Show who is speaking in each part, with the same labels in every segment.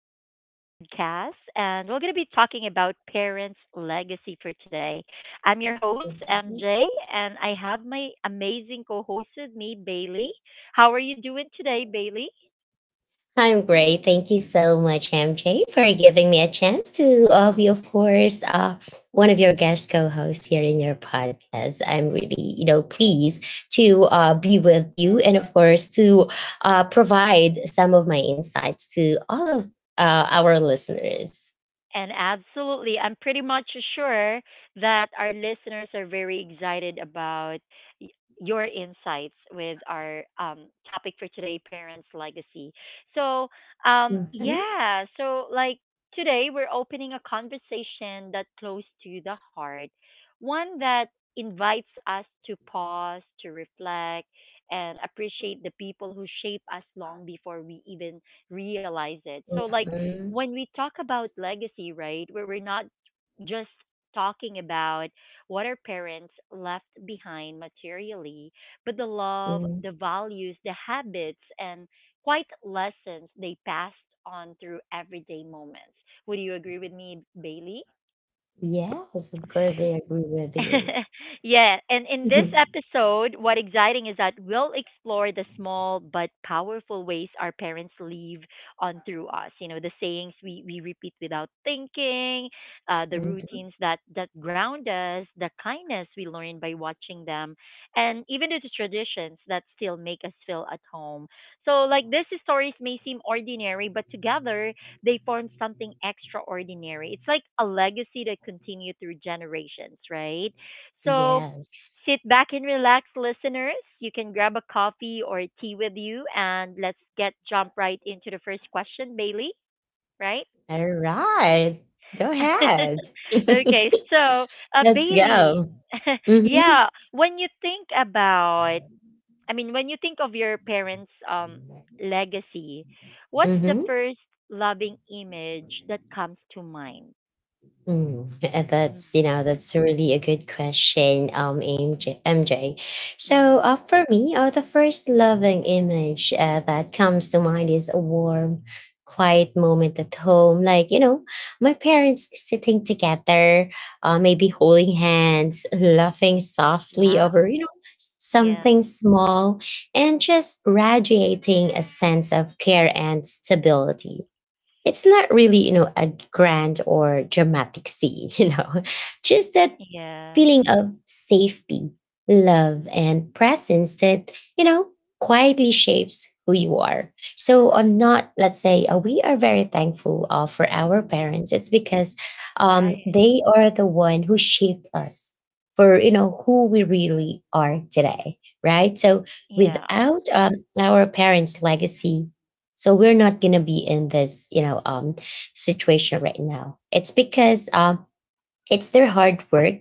Speaker 1: to our podcast. And we're going to be talking about parents' legacy for today. I'm your host, MJ, and I have my amazing co host with me, Bailey. How are you doing today, Bailey?
Speaker 2: I'm great. Thank you so much, MJ, for giving me a chance to be, of course, one of your guest co-hosts here in your podcast. I'm really, you know, pleased to be with you and, of course, to provide some of my insights to all of our listeners.
Speaker 1: And absolutely, I'm pretty much sure that our listeners are very excited about y- your insights with our topic for today, parents' legacy. So, um,
Speaker 2: Mhm.
Speaker 1: yeah, so like today, we're opening a conversation that's close to the heart, one that invites us to pause, to reflect, and appreciate the people who shape us long before we even realize it. So, like, when we talk about legacy, right, where we're not just talking about what our parents left behind materially, but the love,
Speaker 2: Mhm.
Speaker 1: the values, the habits, and quite lessons they passed on through everyday moments. Would you agree with me, Bailey?
Speaker 2: Yes, of course, I agree with you.
Speaker 1: Yeah, and in this episode, what exciting is that we'll explore the small but powerful ways our parents leave on through us. You know, the sayings we repeat without thinking, the
Speaker 2: Mhm.
Speaker 1: routines that ground us, the kindness we learn by watching them, and even the traditions that still make us feel at home. So, like, these stories may seem ordinary, but together, they formed something extraordinary. It's like a legacy that continued through generations, right? So
Speaker 2: Yes.
Speaker 1: sit back and relax, listeners. You can grab a coffee or tea with you, and let's get jump right into the first question, Bailey, right?
Speaker 2: All right. Go ahead.
Speaker 1: Okay, so
Speaker 2: Let's
Speaker 1: Bailey,
Speaker 2: go. Mm-hmm.
Speaker 1: yeah, when you think about, I mean, when you think of your parents' legacy, what's the
Speaker 2: Mm-hmm.
Speaker 1: first loving image that comes to mind?
Speaker 2: Mm, that's you
Speaker 1: Mhm,
Speaker 2: know that's really a good question,
Speaker 1: mhm,
Speaker 2: MJ. So
Speaker 1: mhm.
Speaker 2: for me, the first loving image that comes to mind is a warm, quiet moment at home, like you know, my parents sitting together, maybe holding hands, laughing softly
Speaker 1: Wow.
Speaker 2: over you know
Speaker 1: Yeah.
Speaker 2: something small, and just radiating a sense of care and stability. It's not really you know a grand or dramatic scene, you know, just that
Speaker 1: Yeah.
Speaker 2: feeling of safety, love, and presence that, you know, quietly shapes who you are. So on not, let's say, we are very thankful for our
Speaker 1: Mhm.
Speaker 2: parents. It's because
Speaker 1: Right.
Speaker 2: they are the one who shaped us for, you know, who we really are today, right? So
Speaker 1: Yeah.
Speaker 2: without our parents' legacy, so we're not going to be in this, you know, situation right now. It's because it's their hard work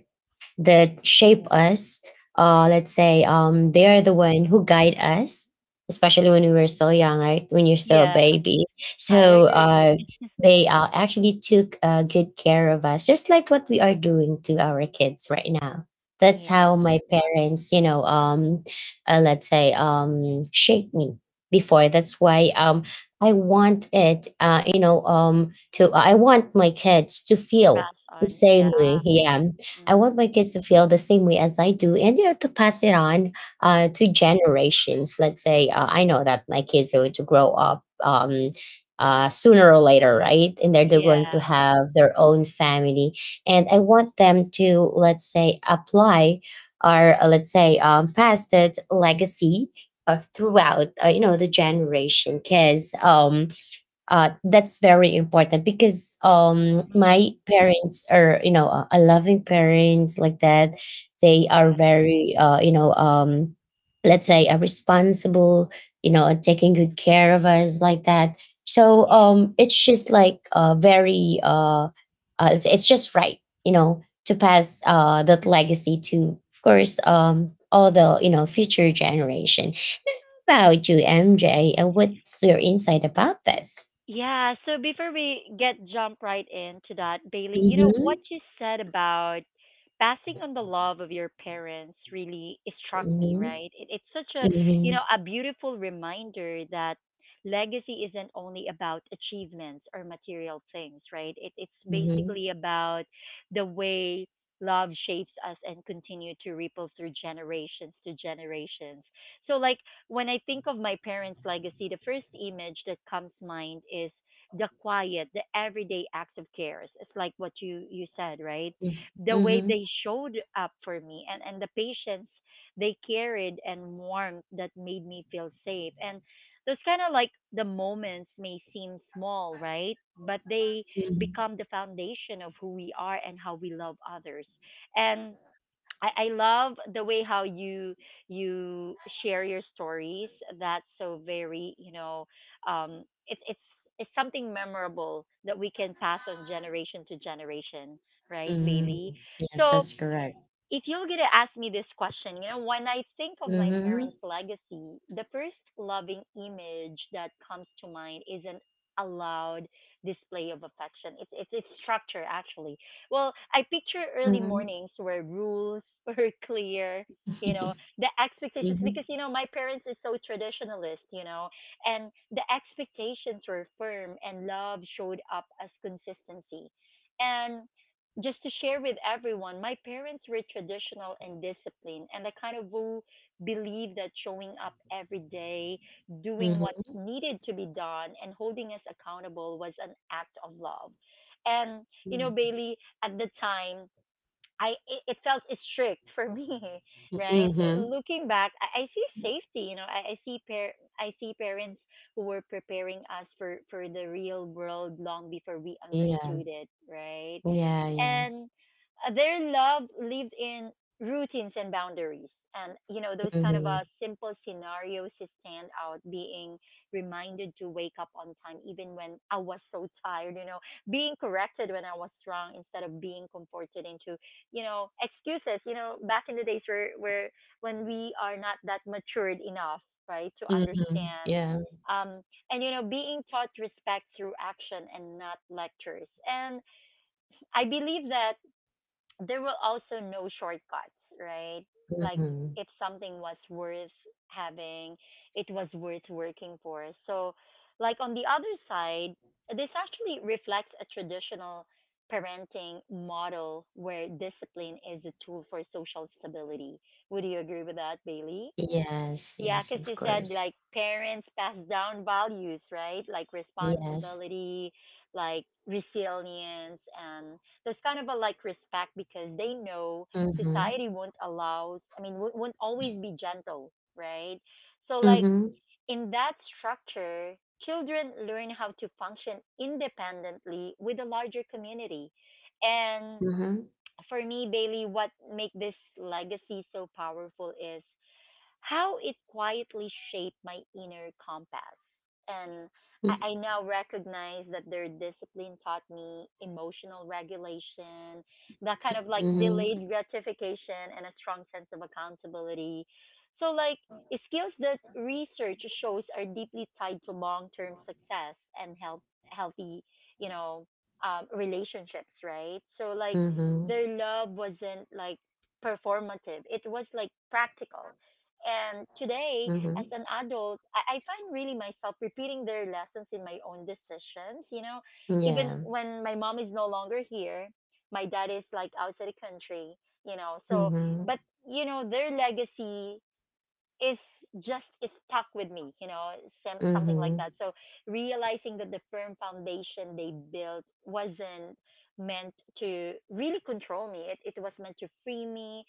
Speaker 2: that shape
Speaker 1: Yeah.
Speaker 2: us. Let's say they are the one who guide us, especially when we were still young, right? When you're still a
Speaker 1: Yeah.
Speaker 2: baby.
Speaker 1: I
Speaker 2: So
Speaker 1: agree.
Speaker 2: they actually took good care of us, just like what we are doing to our kids right now. That's how
Speaker 1: Yeah.
Speaker 2: my parents, you know, let's say, shaped me before. That's why I want it, you know, to I want my kids to
Speaker 1: To
Speaker 2: feel
Speaker 1: pass
Speaker 2: the
Speaker 1: on. Yeah.
Speaker 2: same way. Yeah, I
Speaker 1: Mm-hmm.
Speaker 2: want my kids to feel the same way as I do, and you know, to pass it on to generations. Let's say I know that my kids are going to grow up sooner or later, right? And they're going to
Speaker 1: Yeah.
Speaker 2: have their own family, and I want them to, let's say, apply or let's say pass that legacy of throughout you know the generation, because that's very important, because
Speaker 1: Mm-hmm.
Speaker 2: my parents are you know a loving parents like that. They are
Speaker 1: Yeah.
Speaker 2: very you know, let's say responsible, you know, and taking good care of us like that. So
Speaker 1: Yeah.
Speaker 2: it's just like it's just right, you know, to pass that legacy to, of course, all the you know future generation. About you, MJ? And what's your insight about this?
Speaker 1: Yeah, so before we get jump right into that, Bailey, you know what
Speaker 2: Mhm,
Speaker 1: you said about passing on the love of your parents really struck me,
Speaker 2: mhm,
Speaker 1: right? It, it's such a, you know,
Speaker 2: mhm,
Speaker 1: a beautiful reminder that legacy isn't only about achievements or material things, right? It, it's
Speaker 2: mhm,
Speaker 1: basically about the way love shapes us and continue to ripple through generations to generations. So like when I think of my parents' legacy, the first image that comes to mind is the quiet, the everyday acts of cares. It's like what you said, right?
Speaker 2: mm,
Speaker 1: The way
Speaker 2: mhm,
Speaker 1: they showed up for me and the patience they carried and warmth that made me feel safe. And those kind of like the moments may seem small, right? But they
Speaker 2: mhm,
Speaker 1: become the foundation of who we are and how we love others. And I love the way how you share your stories. That's so very, you know, it's it's something memorable that we can pass on generation to generation, right,
Speaker 2: mm.
Speaker 1: Bailey?
Speaker 2: Yes,
Speaker 1: So
Speaker 2: that's correct.
Speaker 1: if you're gonna ask me this question, you know, when I think of my
Speaker 2: Mhm,
Speaker 1: parents' legacy, the first loving image that comes to mind is not a loud display of affection. It's structure actually. Well, I picture early
Speaker 2: mhm,
Speaker 1: mornings where rules were clear, you know, the expectations because
Speaker 2: mhm,
Speaker 1: you know my parents is so traditionalist, you know, and the expectations were firm and love showed up as consistency. And just to share with everyone, my parents were traditional and disciplined, and I kind of who believe that showing up every day, doing what
Speaker 2: mhm,
Speaker 1: needed to be done, and holding us accountable was an act of love. And you know,
Speaker 2: mm,
Speaker 1: Bailey, at the time, it felt strict for me, right? So
Speaker 2: mhm.
Speaker 1: looking back, I see safety. You know, I see I see parents who were preparing us for the real world long before we
Speaker 2: Yeah,
Speaker 1: understood it, right?
Speaker 2: yeah, yeah.
Speaker 1: And their love lived in routines and boundaries. And you know those kind of
Speaker 2: Mhm,
Speaker 1: simple scenarios stand out. Being reminded to wake up on time, even when I was so tired. You know, being corrected when I was wrong instead of being comforted into you know excuses you know back in the days where when we are not that matured enough right to
Speaker 2: mhm,
Speaker 1: understand
Speaker 2: yeah,
Speaker 1: um and you know being taught respect through action and not lectures and I believe that there were also no shortcuts, right? Like
Speaker 2: mhm.
Speaker 1: if something was worth having, it was worth working for. So, like on the other side, this actually reflects a traditional parenting model where discipline is a tool for social stability. Would you agree with that, Bailey?
Speaker 2: Yes,
Speaker 1: Yeah,
Speaker 2: yes,
Speaker 1: because
Speaker 2: of
Speaker 1: you said
Speaker 2: course.
Speaker 1: like parents pass down values, right? Like
Speaker 2: Yes.
Speaker 1: responsibility, like resilience, and there's kind of a like respect because they know
Speaker 2: Mhm,
Speaker 1: society won't allow, I mean, won't always be gentle, right? So, like
Speaker 2: mhm,
Speaker 1: in that structure, children learn how to function independently with a larger community. And
Speaker 2: mhm,
Speaker 1: for me, Bailey, what make this legacy so powerful is how it quietly shaped my inner compass. And
Speaker 2: mhm,
Speaker 1: I now recognize that their discipline taught me emotional regulation, that kind of like
Speaker 2: mhm,
Speaker 1: delayed gratification, and a strong sense of accountability. So, like, skills that research shows are deeply tied to long term success and health, healthy, you know, relationships, right? So, like,
Speaker 2: mhm,
Speaker 1: their love wasn't like performative, it was like practical and today,
Speaker 2: mhm.
Speaker 1: as an adult, I find really myself repeating their lessons in my own decisions. You know, even
Speaker 2: Yeah.
Speaker 1: when my mom is no longer here, my dad is like outside the country, you know. So,
Speaker 2: Mhm,
Speaker 1: but, you know, their legacy is is stuck with me, you know, some, something like that.
Speaker 2: mhm,
Speaker 1: So, realizing that the firm foundation they built wasn't meant to really control me, it was meant to free me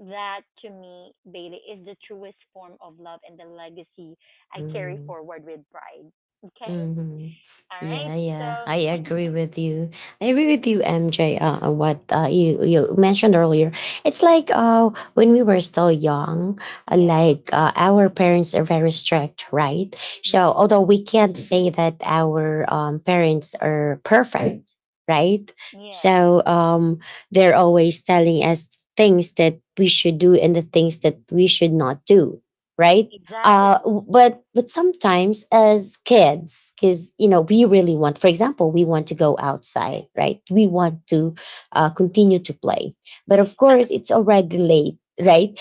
Speaker 1: that to me, Bailey, is the truest form of love and the legacy I carry
Speaker 2: mhm.
Speaker 1: forward with pride. Okay?
Speaker 2: Mm-hmm.
Speaker 1: All right.
Speaker 2: Yeah,
Speaker 1: So,
Speaker 2: yeah, I agree with you. I agree with you, MJ. What you you mentioned earlier, it's like when we were still young,
Speaker 1: yeah,
Speaker 2: like our parents are very strict, right? So
Speaker 1: right.
Speaker 2: although we can't say that our parents are perfect, right?
Speaker 1: Yeah,
Speaker 2: So they're always telling us things that we should do and the things that we should not do, right? uh,
Speaker 1: exactly.
Speaker 2: w- but but sometimes as kids, because you know we really want, for example, we want to go outside, right? We want to continue to play, but of course it's already late, right?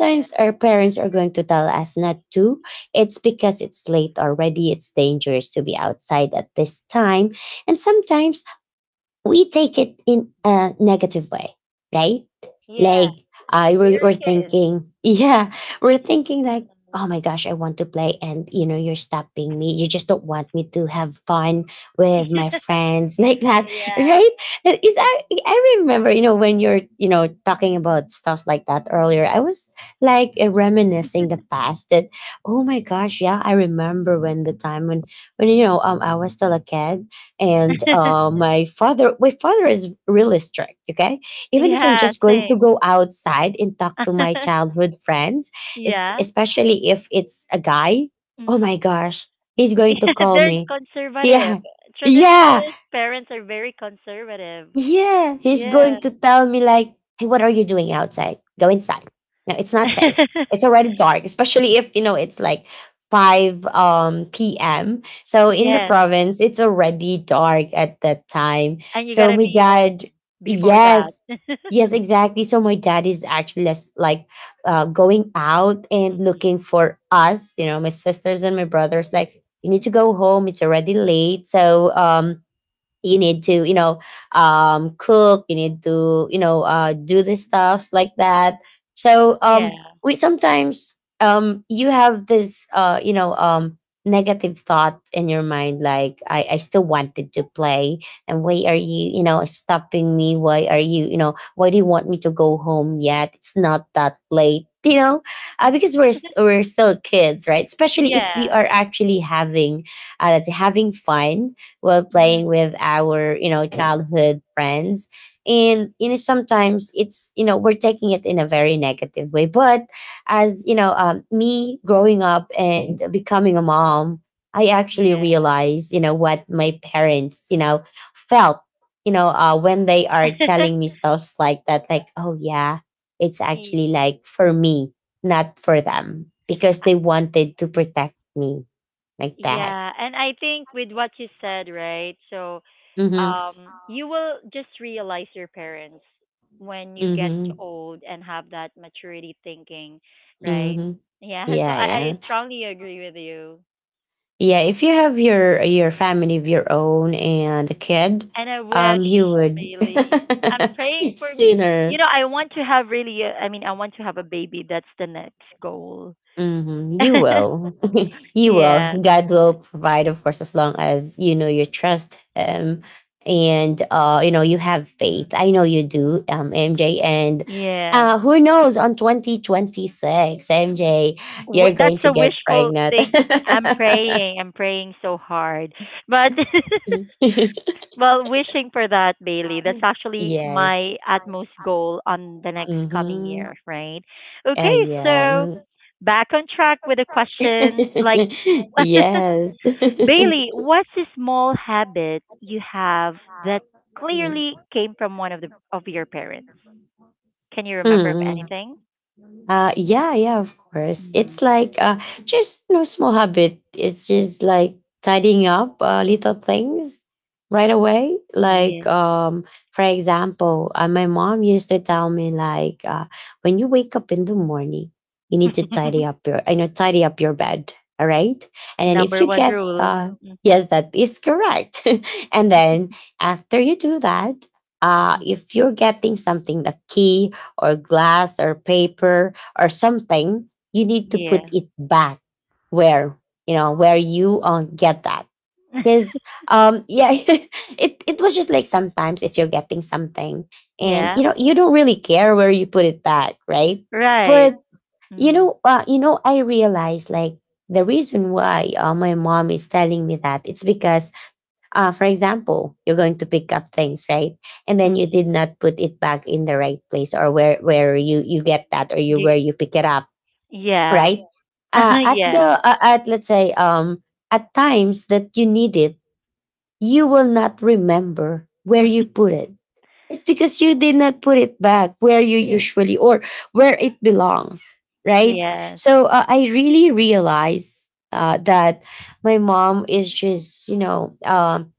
Speaker 1: Yeah,
Speaker 2: our parents are going to tell us not to. It's because it's late already, it's dangerous to be outside at this time. And sometimes we take it in a negative way, right?
Speaker 1: yeah,
Speaker 2: Like
Speaker 1: yeah.
Speaker 2: I We
Speaker 1: We
Speaker 2: were
Speaker 1: are kids.
Speaker 2: thinking, yeah, we're thinking like, oh my gosh, I want to play, and you know, you're stopping me. You just don't want me to have fun with my friends, like that,
Speaker 1: yeah.
Speaker 2: right? It Is I remember, you know, when you're you know talking about stuff like that earlier, I was like reminiscing the past, that, oh my gosh, yeah, I remember when the time when you know I was still a kid. And
Speaker 1: Mm.
Speaker 2: uh, my father is really strict, okay? Even if I'm
Speaker 1: yeah,
Speaker 2: just going to
Speaker 1: same.
Speaker 2: go outside and talk to my childhood friends,
Speaker 1: yeah.
Speaker 2: especially if it's a guy, oh
Speaker 1: Hmm.
Speaker 2: my gosh, he's going to
Speaker 1: Yeah,
Speaker 2: call
Speaker 1: they're
Speaker 2: me.
Speaker 1: conservative.
Speaker 2: Yeah, yeah,
Speaker 1: Traditionalist parents are very conservative.
Speaker 2: yeah, he's
Speaker 1: Yeah.
Speaker 2: going to tell me like, "Hey, what are you doing outside? Go inside. No, it's not safe. It's already dark," especially if you know it's like five p.m. So in the
Speaker 1: yes.
Speaker 2: province, it's already dark at that time.
Speaker 1: And you
Speaker 2: So
Speaker 1: gotta
Speaker 2: my
Speaker 1: be home
Speaker 2: dad,
Speaker 1: before that.
Speaker 2: yes, yes, exactly. So my dad is actually less like going out and
Speaker 1: Mhm.
Speaker 2: looking for us, you know, my sisters and my brothers, like, you need to go home. It's already late. So you need to you know cook, you need to you know do the stuffs like that. So
Speaker 1: Yeah,
Speaker 2: we sometimes, you have this negative thought in your mind, like, I still wanted to play, and why are you you know stopping me, why are you you know, why do you want me to go home yet, it's not that late, you know. Because we're still kids, right? Especially if we
Speaker 1: yeah,
Speaker 2: are actually having let's say having fun while playing
Speaker 1: mhm,
Speaker 2: with our you know childhood friends. And you know sometimes it's you know we're taking it in a very negative way, but as you know, me growing up and becoming a mom, I actually
Speaker 1: yeah.
Speaker 2: realized you know what my parents you know felt, you know, when they are telling me stuff like that, like, oh yeah, it's actually
Speaker 1: Y-
Speaker 2: like for me, not for them, because they wanted to protect me like that.
Speaker 1: Yeah, and I think with what you said, right? So,
Speaker 2: Mm-hmm.
Speaker 1: you will just realize your parents when you get
Speaker 2: Mm-hmm.
Speaker 1: old and have that maturity thinking, right?
Speaker 2: Hmm.
Speaker 1: Yeah, so
Speaker 2: Yeah,
Speaker 1: I
Speaker 2: yeah,
Speaker 1: strongly agree with you.
Speaker 2: yeah. If you have your family of your own and a kid,
Speaker 1: And I wish,
Speaker 2: you would
Speaker 1: Bailey, I'm praying for, m- you
Speaker 2: sooner.
Speaker 1: know, I want to have really, a, I mean, I want to have a baby. That's the next goal.
Speaker 2: Hmm. You will, you will.
Speaker 1: Yeah.
Speaker 2: God will provide, of course, as long as you know you trust Him, and you know you have faith. I
Speaker 1: Mm.
Speaker 2: know you do, MJ, and
Speaker 1: Yeah.
Speaker 2: who knows, on 2026, MJ, you're
Speaker 1: That's
Speaker 2: going to
Speaker 1: a
Speaker 2: get
Speaker 1: wishful
Speaker 2: pregnant.
Speaker 1: thing. I'm praying. I'm praying so hard. But, well, wishing for that, Bailey. That's actually
Speaker 2: Yes.
Speaker 1: my utmost goal on the next coming
Speaker 2: Mm-hmm.
Speaker 1: year, right? Okay. So,
Speaker 2: Yeah.
Speaker 1: back on track with the question like,
Speaker 2: Mm. Yes.
Speaker 1: Bailey, what's a small habit you have that
Speaker 2: Mm.
Speaker 1: clearly came from one of the of your parents? Can you remember of
Speaker 2: Mm.
Speaker 1: anything?
Speaker 2: Yeah, yeah, of course.
Speaker 1: Mm-hmm.
Speaker 2: It's like just no small habit. It's just like tidying up little things right away.
Speaker 1: Yeah.
Speaker 2: Like, for example, my mom used to tell me like, when you wake up in the morning, you need to tidy up your, you know, tidy up your bed. All right, and then if
Speaker 1: Number
Speaker 2: you
Speaker 1: one
Speaker 2: get,
Speaker 1: rule.
Speaker 2: yes, that is correct. And then after you do that,
Speaker 1: Mm-hmm.
Speaker 2: if you're getting something, a key or glass or paper or something, you need to put
Speaker 1: Yeah.
Speaker 2: it back where you know where you get that. Because yeah, it was just like sometimes if you're getting something and
Speaker 1: yeah.
Speaker 2: you know you don't really care where you put it back, right?
Speaker 1: Right.
Speaker 2: But
Speaker 1: Mm.
Speaker 2: you know, I realized like the reason why my mom is telling me that, it's because, for example, you're going to pick up things, right? And then you
Speaker 1: Mm-hmm.
Speaker 2: did not put it back in the right place, or where you get that, or you
Speaker 1: Y-
Speaker 2: where you pick it up,
Speaker 1: yeah.
Speaker 2: right? At the
Speaker 1: yeah.
Speaker 2: Mhm. At, let's say at times that you need it, you will not remember where you put it. It's because you did not put it back where you Yes. usually or where it belongs, right?
Speaker 1: yes.
Speaker 2: So I really realize that my mom is just you know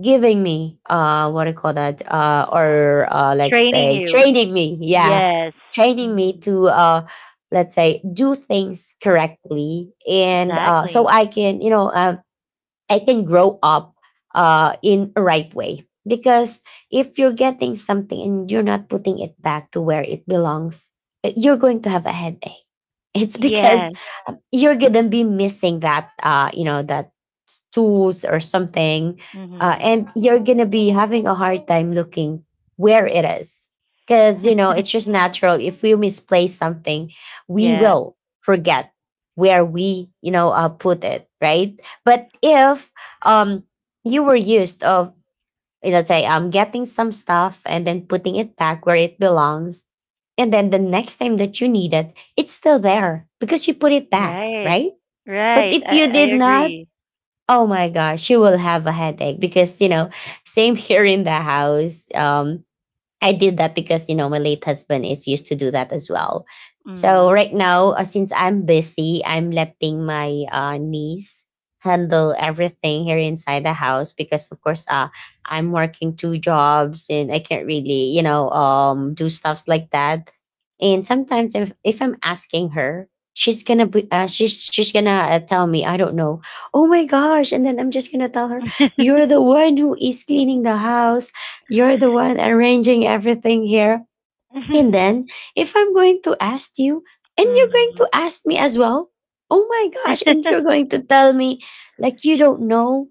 Speaker 2: giving me what do you call that, or let's
Speaker 1: Training
Speaker 2: say
Speaker 1: you.
Speaker 2: training me, yeah,
Speaker 1: Yes.
Speaker 2: training me
Speaker 1: Hmm.
Speaker 2: to let's say do things correctly, and so
Speaker 1: Exactly.
Speaker 2: I can you know I can grow up in a right way. Because if you're getting something and you're not putting it back to where it belongs, you're going to have a headache. It's because
Speaker 1: Yes.
Speaker 2: you're gonna be missing that, you know, that tools or something,
Speaker 1: Hmm.
Speaker 2: and you're gonna be having a hard time looking where it is. Because you know, it's just natural. If we misplace something, we
Speaker 1: Yeah.
Speaker 2: will forget where we, you know, put it, right? But if um you were used of, you know, say getting some stuff and then putting it back where it belongs, and then the next time that you need it, it's still there because you put it back,
Speaker 1: Right.
Speaker 2: right? But
Speaker 1: Right.
Speaker 2: if you did
Speaker 1: I
Speaker 2: not,
Speaker 1: agree.
Speaker 2: oh my gosh, you will have a headache because you know, same here in the house. I did that because you know my late husband is used to do that as well. So
Speaker 1: Mm.
Speaker 2: right now, since I'm busy, I'm letting my niece handle everything here inside the house because of course I'm working two jobs and I can't really you know do stuffs like that. And sometimes if I'm asking her, she's gonna be she's gonna tell me I don't know. Oh my gosh! And then I'm just gonna tell her, you're the one who is cleaning the house, you're the one arranging everything here. And then, if I'm going to ask you, and you're going
Speaker 1: mm.
Speaker 2: to ask me as well, oh my gosh, and you're going to tell me like you don't know.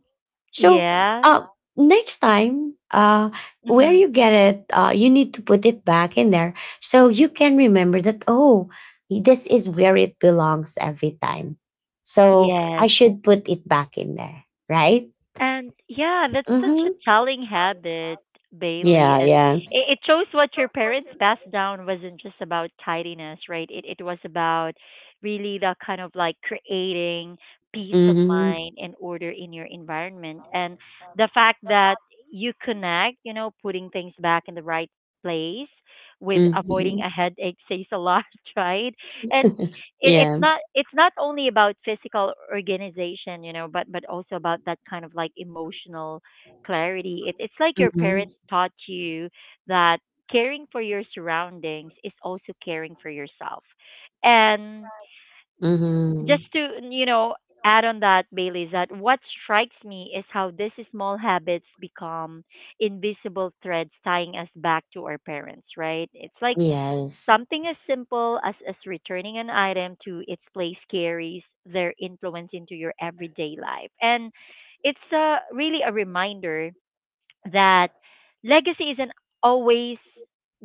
Speaker 2: So,
Speaker 1: yeah.
Speaker 2: uh, next time, where
Speaker 1: Mm-hmm.
Speaker 2: you get it, you need to put it back in there so you can remember that, oh, this is where it belongs every time. So, I
Speaker 1: Yes.
Speaker 2: should put it back in there, right?
Speaker 1: And yeah, that's such a
Speaker 2: Mm-hmm.
Speaker 1: telling habit, Bailey.
Speaker 2: Yeah,
Speaker 1: And
Speaker 2: yeah.
Speaker 1: it shows what your parents passed down wasn't just about tidiness, right? It was about really the kind of like creating peace of
Speaker 2: Mhm.
Speaker 1: mind and order in your environment. And the fact that you connect, you know, putting things back in the right place with avoiding
Speaker 2: Mhm.
Speaker 1: a headache says a lot, right? And it,
Speaker 2: Yeah.
Speaker 1: it's not only about physical organization you know but also about that kind of like emotional clarity it, it's like your
Speaker 2: Mhm.
Speaker 1: parents taught you that caring for your surroundings is also caring for yourself and just
Speaker 2: Mhm.
Speaker 1: to you know add on that bailey is that what strikes me is how these small habits become invisible threads tying us back to our parents right it's like
Speaker 2: Yes.
Speaker 1: something as simple as returning an item to its place carries their influence into your everyday life. And it's really a reminder that legacy isn't always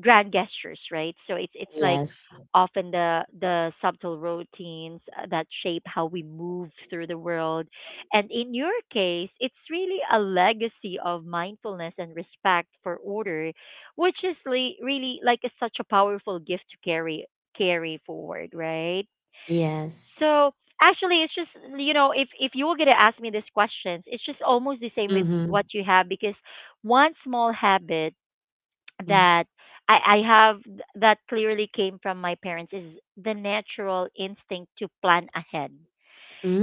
Speaker 1: grand gestures, right? So it's like
Speaker 2: Yes.
Speaker 1: often the subtle routines that shape how we move through the world. And in your case, it's really a legacy of mindfulness and respect for order, which is really like a, such a powerful gift to carry carry forward, right?
Speaker 2: Yes.
Speaker 1: So actually, it's just you know, if you were gonna ask me these questions, it's just almost the same with what
Speaker 2: Mhm.
Speaker 1: you have because one small habit
Speaker 2: Mm.
Speaker 1: that I have that clearly came from my parents is the natural instinct to plan ahead.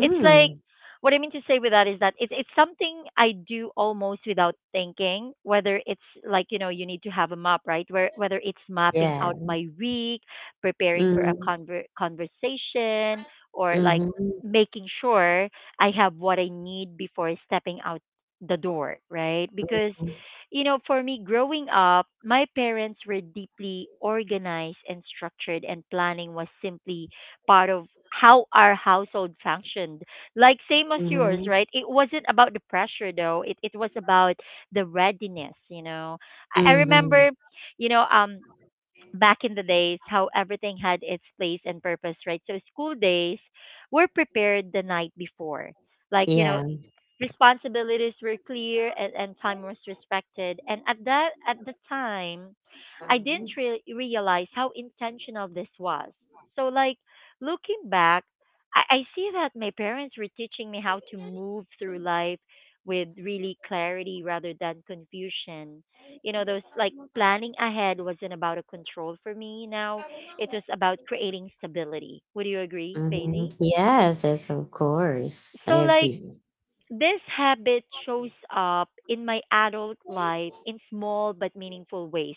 Speaker 1: It's like what I mean to say with that is that it's something I do almost without thinking. Whether it's like you know you need to have a map, right? Where whether it's mapping
Speaker 2: Yeah.
Speaker 1: out my week, preparing for a
Speaker 2: Mhm.
Speaker 1: conversation, or
Speaker 2: Mhm.
Speaker 1: making sure I have what I need before stepping out the door, right? Because for me growing up, my parents were deeply organized and structured, and planning was simply part of how our household functioned. Like same as yours,
Speaker 2: Mhm.
Speaker 1: right? It wasn't about the pressure though. It was about the readiness, I
Speaker 2: Mhm.
Speaker 1: remember, you know, um back in the days how everything had its place and purpose, right? So school days were prepared the night before. Like, you know,
Speaker 2: Yeah.
Speaker 1: Responsibilities were clear, and time was respected. And at the time, I didn't realize how intentional this was. So looking back, I see that my parents were teaching me how to move through life with really clarity rather than confusion. You know, those like planning ahead wasn't about a control for me now. It was about creating stability. Would you agree, Bailey?
Speaker 2: Mhm. Yes. Yes. Of course. I
Speaker 1: So
Speaker 2: agree.
Speaker 1: this habit shows up in my adult life in small but meaningful ways.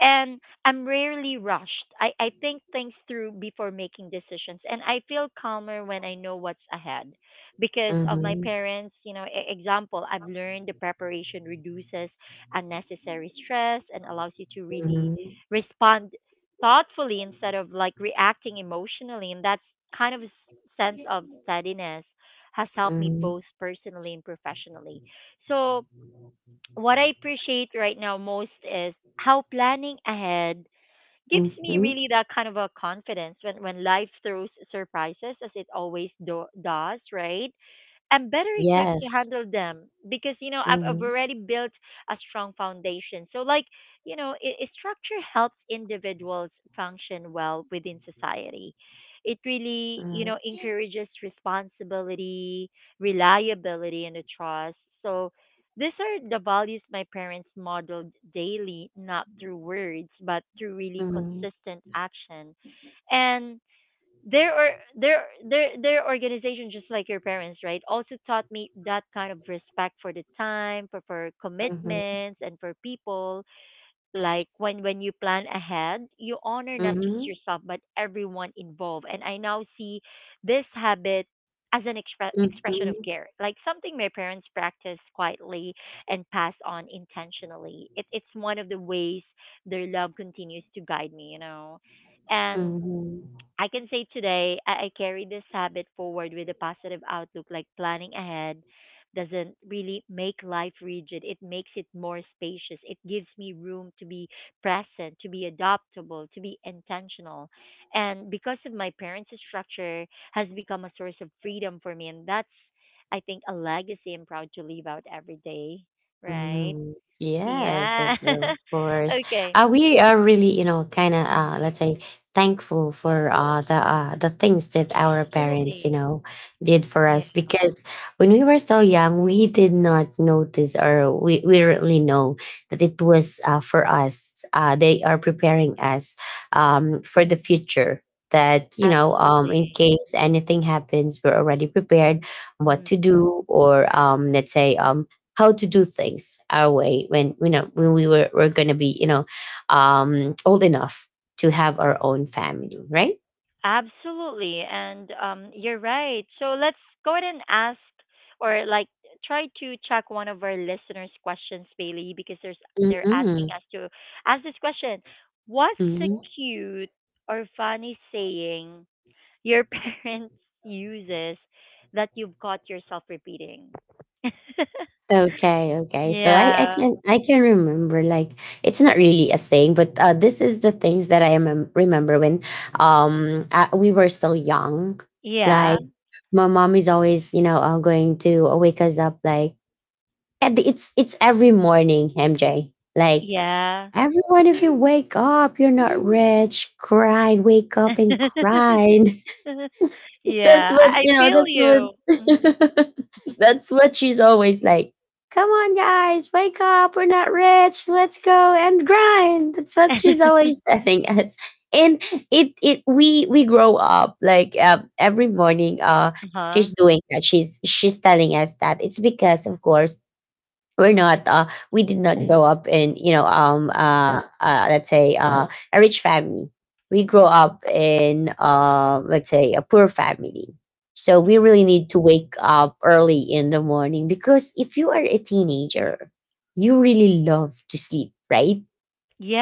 Speaker 1: And I'm rarely rushed. I think things through before making decisions. And I feel calmer when I know what's ahead. Because of my
Speaker 2: Mhm.
Speaker 1: parents, example, I've learned the preparation reduces unnecessary stress and allows you to really
Speaker 2: Mhm.
Speaker 1: respond thoughtfully instead of reacting emotionally. And that's kind of a sense of steadiness has helped me
Speaker 2: Mhm.
Speaker 1: both personally and professionally. So, what I appreciate right now most is how planning ahead gives me
Speaker 2: Mhm.
Speaker 1: really that kind of a confidence when, life throws surprises as it always does, right? I'm better equipped to
Speaker 2: Yes.
Speaker 1: handle them because I've
Speaker 2: Mhm.
Speaker 1: already built a strong foundation. So like you know, I structure helps individuals function well within society. It really
Speaker 2: Mhm.
Speaker 1: encourages responsibility, reliability, and a trust. So these are the values my parents modeled daily, not through words but through really
Speaker 2: Mhm.
Speaker 1: consistent action. And their or their their organization, just like your parents, right, also taught me that kind of respect for the time, for,
Speaker 2: Mhm.
Speaker 1: commitments, and for people. Like when you plan ahead, you honor not just
Speaker 2: Mhm.
Speaker 1: yourself but everyone involved. And I now see this habit as an expression
Speaker 2: Mhm.
Speaker 1: of care, like something my parents practiced quietly and passed on intentionally. It's one of the ways their love continues to guide me, and
Speaker 2: Mhm.
Speaker 1: I can say today I carry this habit forward with a positive outlook. Like planning ahead doesn't really make life rigid. It makes it more spacious. It gives me room to be present, to be adaptable, to be intentional. And because of my parents' structure has become a source of freedom for me, and that's I think a legacy I'm proud to leave out every day. Right?
Speaker 2: Mm, yes,
Speaker 1: Yeah.
Speaker 2: yes, of course.
Speaker 1: Okay.
Speaker 2: We are really, you know, kind of,
Speaker 1: Mm,
Speaker 2: let's say, thankful for the things that our parents, you
Speaker 1: absolutely.
Speaker 2: know, did for
Speaker 1: Yeah.
Speaker 2: us. Because when we were so young, we did not notice, or we really know that it was for us. They are preparing us for the future. That you know, in
Speaker 1: Absolutely.
Speaker 2: case anything happens, we're already prepared. What to
Speaker 1: Mm,
Speaker 2: do, or let's say, how to do things our way when you know when we were going to be you know old enough to have our own family, right?
Speaker 1: absolutely. And you're right. So let's go ahead and ask or like try to check one of our listeners' questions, Bailey, because there's they're asking
Speaker 2: Mm-hmm.
Speaker 1: us to ask this question. What's a
Speaker 2: hmm
Speaker 1: cute or funny saying your parents uses that you've caught yourself repeating?
Speaker 2: Okay, okay. So I
Speaker 1: Yeah.
Speaker 2: can I can remember like it's not really a saying, but this is the things that I remember when we were still young.
Speaker 1: Yeah.
Speaker 2: Like my mom is always you know going to wake us up like and it's every morning, MJ. Like,
Speaker 1: Yeah.
Speaker 2: everyone, if you wake up, you're not rich. Grind, wake up and grind. That's
Speaker 1: Yeah.
Speaker 2: what
Speaker 1: I
Speaker 2: you know.
Speaker 1: feel
Speaker 2: That's what.
Speaker 1: you. Mhm.
Speaker 2: That's what she's always like. Come on, guys, wake up. We're not rich. Let's go and grind. That's what she's always telling us. And we grow up like every morning.
Speaker 1: Uh-huh.
Speaker 2: She's doing that. She's telling us that it's because, of course, we're not we did not grow up in you know
Speaker 1: Mm,
Speaker 2: let's say a rich family. We grow up in let's say a poor family, so we
Speaker 1: mhm.
Speaker 2: really need to wake up early in the morning because if you are a teenager you really love to sleep, right?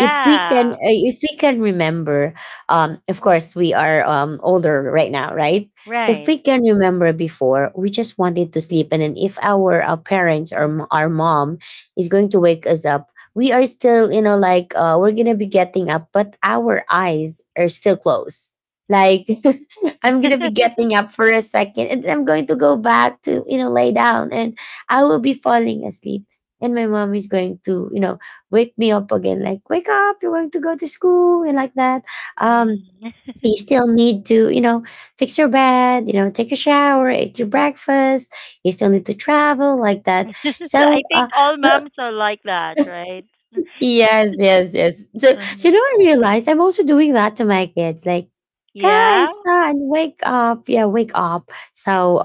Speaker 2: If we can if we can remember, of course we are older right now, right? So if
Speaker 1: right.
Speaker 2: we can remember before, we just wanted to sleep, and then if our, parents or our mom is going to wake us up, we are still you know like we're gonna be getting up but our eyes are still closed, like I'm gonna be getting up for a second and I'm going to go back to you know lay down and I will be falling asleep. And my mom is going to you know wake me up again, like, wake up, you're going to go to school, and like that. Um,
Speaker 1: Mm.
Speaker 2: you still need to, you know, fix your bed, you know, take a shower, eat your breakfast. You still need to travel, like that.
Speaker 1: I
Speaker 2: So,
Speaker 1: think all moms are like that, right?
Speaker 2: yes, yes, yes. So, so
Speaker 1: Mhm.
Speaker 2: you know, I realized I'm also doing that to my kids, like,
Speaker 1: Yeah.
Speaker 2: guys, son, wake up, yeah, wake up. So,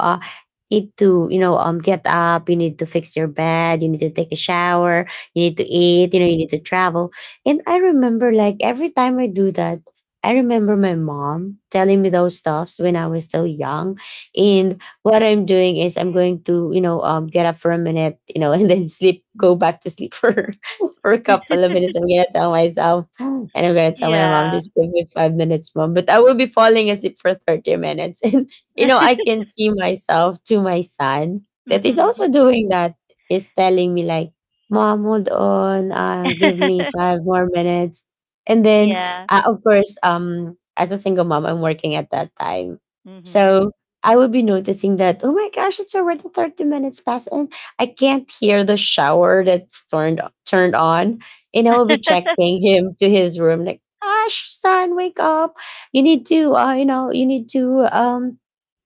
Speaker 2: need to you know get up, you need to fix your bed, you need to take a shower, you need to
Speaker 1: Mm.
Speaker 2: eat, you know, you need to travel. And I remember like every time I do that, I remember my mom telling me those stuffs when I was still young.
Speaker 1: Mm.
Speaker 2: And what I'm doing is I'm going to you know get up for a minute, you know, and then sleep, go back to sleep for for a couple of minutes, I'm gonna tell myself. And I'm gonna tell my mom,
Speaker 1: Yeah.
Speaker 2: just give me 5 minutes, mom, but I will be falling asleep for 30 minutes. You know, I can see myself to my son that is also
Speaker 1: Mhm.
Speaker 2: doing that, is telling me like, mom, hold on, give me five more minutes. And then
Speaker 1: Yeah.
Speaker 2: of course, as a single mom, I'm working at that time.
Speaker 1: Mhm.
Speaker 2: So I would be noticing that, oh my gosh, it's already 30 minutes past and I can't hear the shower that's turned on. And I
Speaker 1: Mhm.
Speaker 2: will be checking him to his room, like, Ash, son, wake up, you need to you know you need to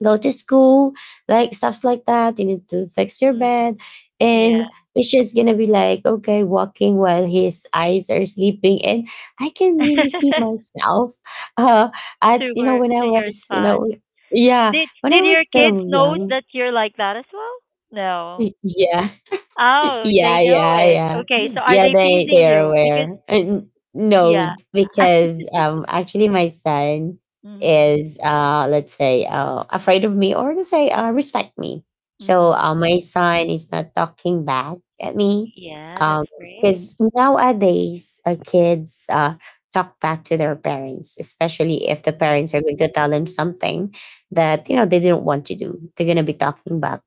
Speaker 2: go to school, like stuffs like that. You need to fix your bed.
Speaker 1: Yeah.
Speaker 2: And it's just gonna be like, okay, walking while his eyes are sleeping. And I can really see myself. Uh at
Speaker 1: To
Speaker 2: you know,
Speaker 1: her,
Speaker 2: when I
Speaker 1: to your
Speaker 2: was, you
Speaker 1: son.
Speaker 2: know, yeah, when I
Speaker 1: Did
Speaker 2: was
Speaker 1: your kids
Speaker 2: still
Speaker 1: knows
Speaker 2: young.
Speaker 1: that you're like that as well? No.
Speaker 2: Yeah,
Speaker 1: Oh, they
Speaker 2: yeah,
Speaker 1: know
Speaker 2: yeah,
Speaker 1: it.
Speaker 2: yeah.
Speaker 1: Okay, so are
Speaker 2: Yeah,
Speaker 1: they
Speaker 2: they
Speaker 1: teasing
Speaker 2: they are
Speaker 1: you? Because
Speaker 2: aware. And
Speaker 1: yeah.
Speaker 2: no, because actually my son
Speaker 1: Mhm.
Speaker 2: is let's say afraid of me or let's say respect me. So
Speaker 1: Mhm.
Speaker 2: my son is not talking back at me.
Speaker 1: Yeah, that's
Speaker 2: Um
Speaker 1: great.
Speaker 2: because nowadays kids talk back to their parents, especially if the
Speaker 1: Mhm.
Speaker 2: parents are going to tell them something that you know they didn't want to do. They're gonna be talking back.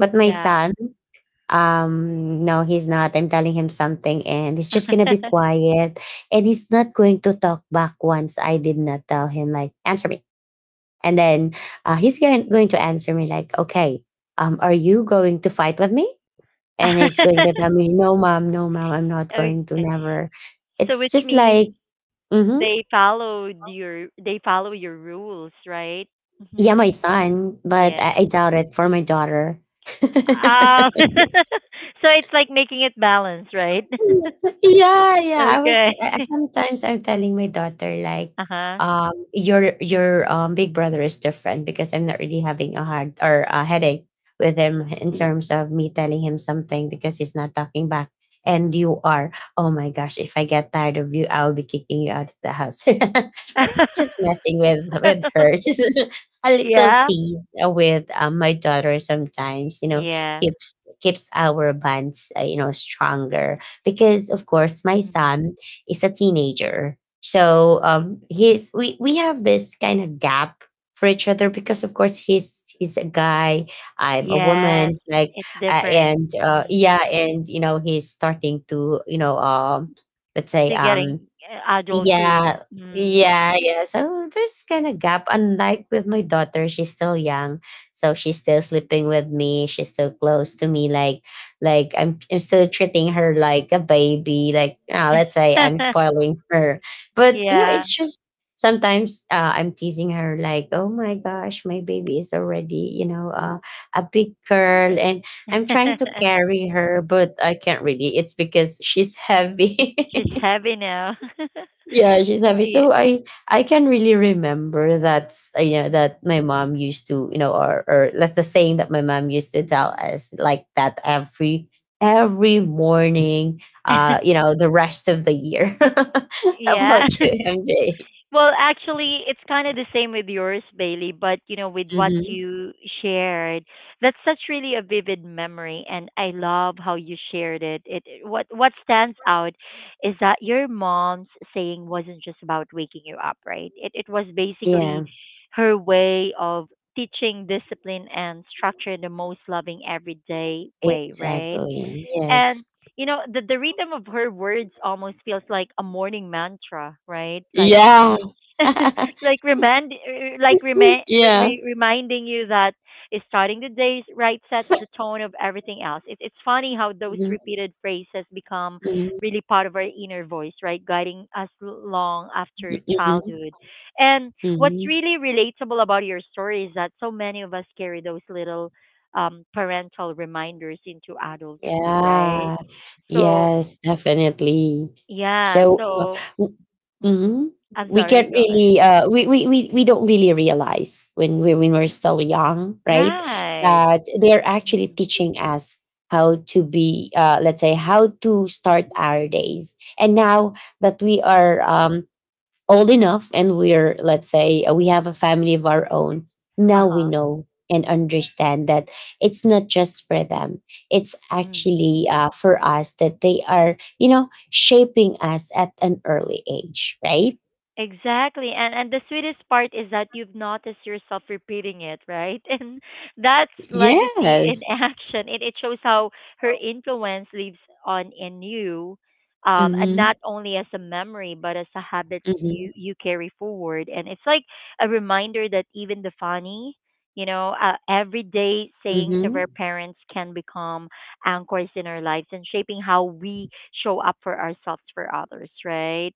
Speaker 2: But my
Speaker 1: Yeah.
Speaker 2: son, no, he's not. I'm telling him something and he's just gonna be quiet, and he's not going to talk back once. I did not tell him like, answer me, and then he's going to answer me like okay, are you going to fight with me? And he's going to tell me, no mom, no mom, I'm not going to
Speaker 1: Okay.
Speaker 2: never.
Speaker 1: So
Speaker 2: It's
Speaker 1: which
Speaker 2: just
Speaker 1: means
Speaker 2: like mm-hmm,
Speaker 1: they follow your rules, right?
Speaker 2: yeah, my son. But
Speaker 1: Yeah.
Speaker 2: I doubt it for my daughter.
Speaker 1: Oh. So it's like making it balanced, right?
Speaker 2: Yeah, yeah. I was
Speaker 1: Okay.
Speaker 2: I I sometimes I'm telling my daughter like,
Speaker 1: Uh-huh.
Speaker 2: your big brother is different because I'm not really having a hard or a headache with him in terms of me telling him something because he's not talking back. And you are, oh my gosh, if I get tired of you, I'll be kicking you out of the house. But I was just messing with her. Just a little
Speaker 1: Yeah.
Speaker 2: tease with my daughter sometimes, you know,
Speaker 1: Yeah.
Speaker 2: keeps our bonds, you know, stronger because of course my
Speaker 1: Mm.
Speaker 2: son is a teenager so he's we have this kind of gap for each other because of course he's a guy, I'm a
Speaker 1: Yes,
Speaker 2: woman, like
Speaker 1: it's different.
Speaker 2: and
Speaker 1: Mm.
Speaker 2: yeah, and you know he's starting to you know let's say
Speaker 1: To getting adulthood.
Speaker 2: yeah.
Speaker 1: Mm.
Speaker 2: Yeah, yeah. So there's kind of gap. Unlike with my daughter, she's still young, so she's still sleeping with me. She's still close to me. Like I'm still treating her like a baby. Like, ah, let's say I'm spoiling her, but you know,
Speaker 1: Yeah,
Speaker 2: it's just sometimes I'm teasing her like, "Oh my gosh, my baby is already, you know, a big girl," and I'm trying to carry her, but I can't really. It's because she's heavy.
Speaker 1: she's heavy now.
Speaker 2: Yeah, she's happy.
Speaker 1: Yeah.
Speaker 2: So I can really remember that yeah that my mom used to you know or that's the saying that my mom used to tell us like that every morning you know the rest of the year. How
Speaker 1: Yeah.
Speaker 2: about you, MJ?
Speaker 1: Well, actually, it's kind of the same with yours, Bailey, but you know, with what
Speaker 2: hmm
Speaker 1: you shared, that's such really a vivid memory, and I love how you shared it. What stands out is that your mom's saying wasn't just about waking you up, right? It was basically
Speaker 2: Yeah,
Speaker 1: her way of teaching discipline and structure in the most loving everyday way, right?
Speaker 2: exactly. Yes.
Speaker 1: And you know, the rhythm of her words almost feels like a morning mantra, right?
Speaker 2: Yeah. Yeah.
Speaker 1: Reminding you that starting the day right sets the tone of everything else. It's funny how those
Speaker 2: Hmm.
Speaker 1: repeated phrases become really part of our inner voice, right? Guiding us long after
Speaker 2: Hmm.
Speaker 1: childhood. And what's
Speaker 2: Hmm.
Speaker 1: really relatable about your story is that so many of us carry those little parental reminders into adulthood, right?
Speaker 2: Yeah.
Speaker 1: So
Speaker 2: Yes, definitely.
Speaker 1: yeah,
Speaker 2: So,
Speaker 1: so
Speaker 2: w-
Speaker 1: mm,
Speaker 2: mhm.
Speaker 1: I'm
Speaker 2: we
Speaker 1: sorry,
Speaker 2: can't
Speaker 1: go ahead.
Speaker 2: really, we don't really realize when, we, when we're still young, right?
Speaker 1: Right.
Speaker 2: That they're actually teaching us how to be, let's say, how to start our days. And now that we are,
Speaker 1: Mm-hmm.
Speaker 2: old enough, and we're let's say we have a family of our own,
Speaker 1: Uh
Speaker 2: now we
Speaker 1: huh.
Speaker 2: know and understand that it's not just for them, it's
Speaker 1: Mm-hmm.
Speaker 2: actually for us, that they are you know shaping us at an early age, right?
Speaker 1: Exactly. And the sweetest part is that you've noticed yourself repeating it, right? And that's legacy in
Speaker 2: Yes.
Speaker 1: action. It shows how her influence lives on in you, and
Speaker 2: Mm-hmm.
Speaker 1: not only as a memory, but as a habit
Speaker 2: Mm-hmm.
Speaker 1: you carry forward. And it's like a reminder that even the funny, everyday sayings of
Speaker 2: Mm-hmm.
Speaker 1: our parents can become anchors in our lives and shaping how we show up for ourselves for others, right?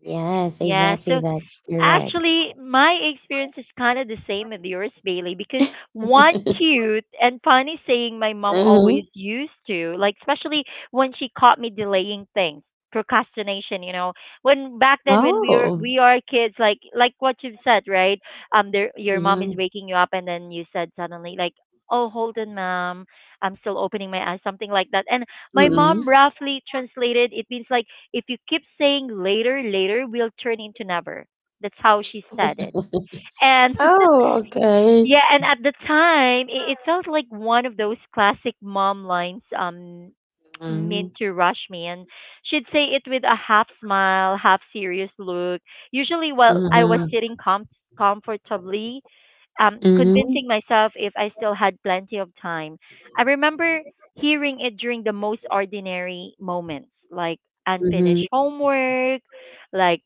Speaker 2: Yes,
Speaker 1: Yeah,
Speaker 2: exactly,
Speaker 1: so
Speaker 2: that's correct.
Speaker 1: actually, my experience is kind of the same as yours, Bailey, because one cute and funny saying my mom
Speaker 2: Mm-hmm.
Speaker 1: always used to, like, especially when she caught me delaying things, procrastination, you know, when back then when
Speaker 2: Oh.
Speaker 1: we are kids, like what you've said, right? There your mom is
Speaker 2: Hmm.
Speaker 1: waking you up, and then you said suddenly like, "Oh, hold on, mom, I'm still opening my eyes," something like that, and my mom roughly translated it means like if you keep saying later, later, we'll turn into never. That's how she said it. And
Speaker 2: Oh, okay.
Speaker 1: yeah, and at the time, it felt like one of those classic mom lines
Speaker 2: Mm-hmm.
Speaker 1: meant to rush me. And she'd say it with a half smile, half serious look, usually while I was
Speaker 2: Mm-hmm.
Speaker 1: sitting comfortably, convincing myself if I still had plenty of time. I remember hearing it during the most ordinary moments, like
Speaker 2: Mm-hmm.
Speaker 1: unfinished homework, like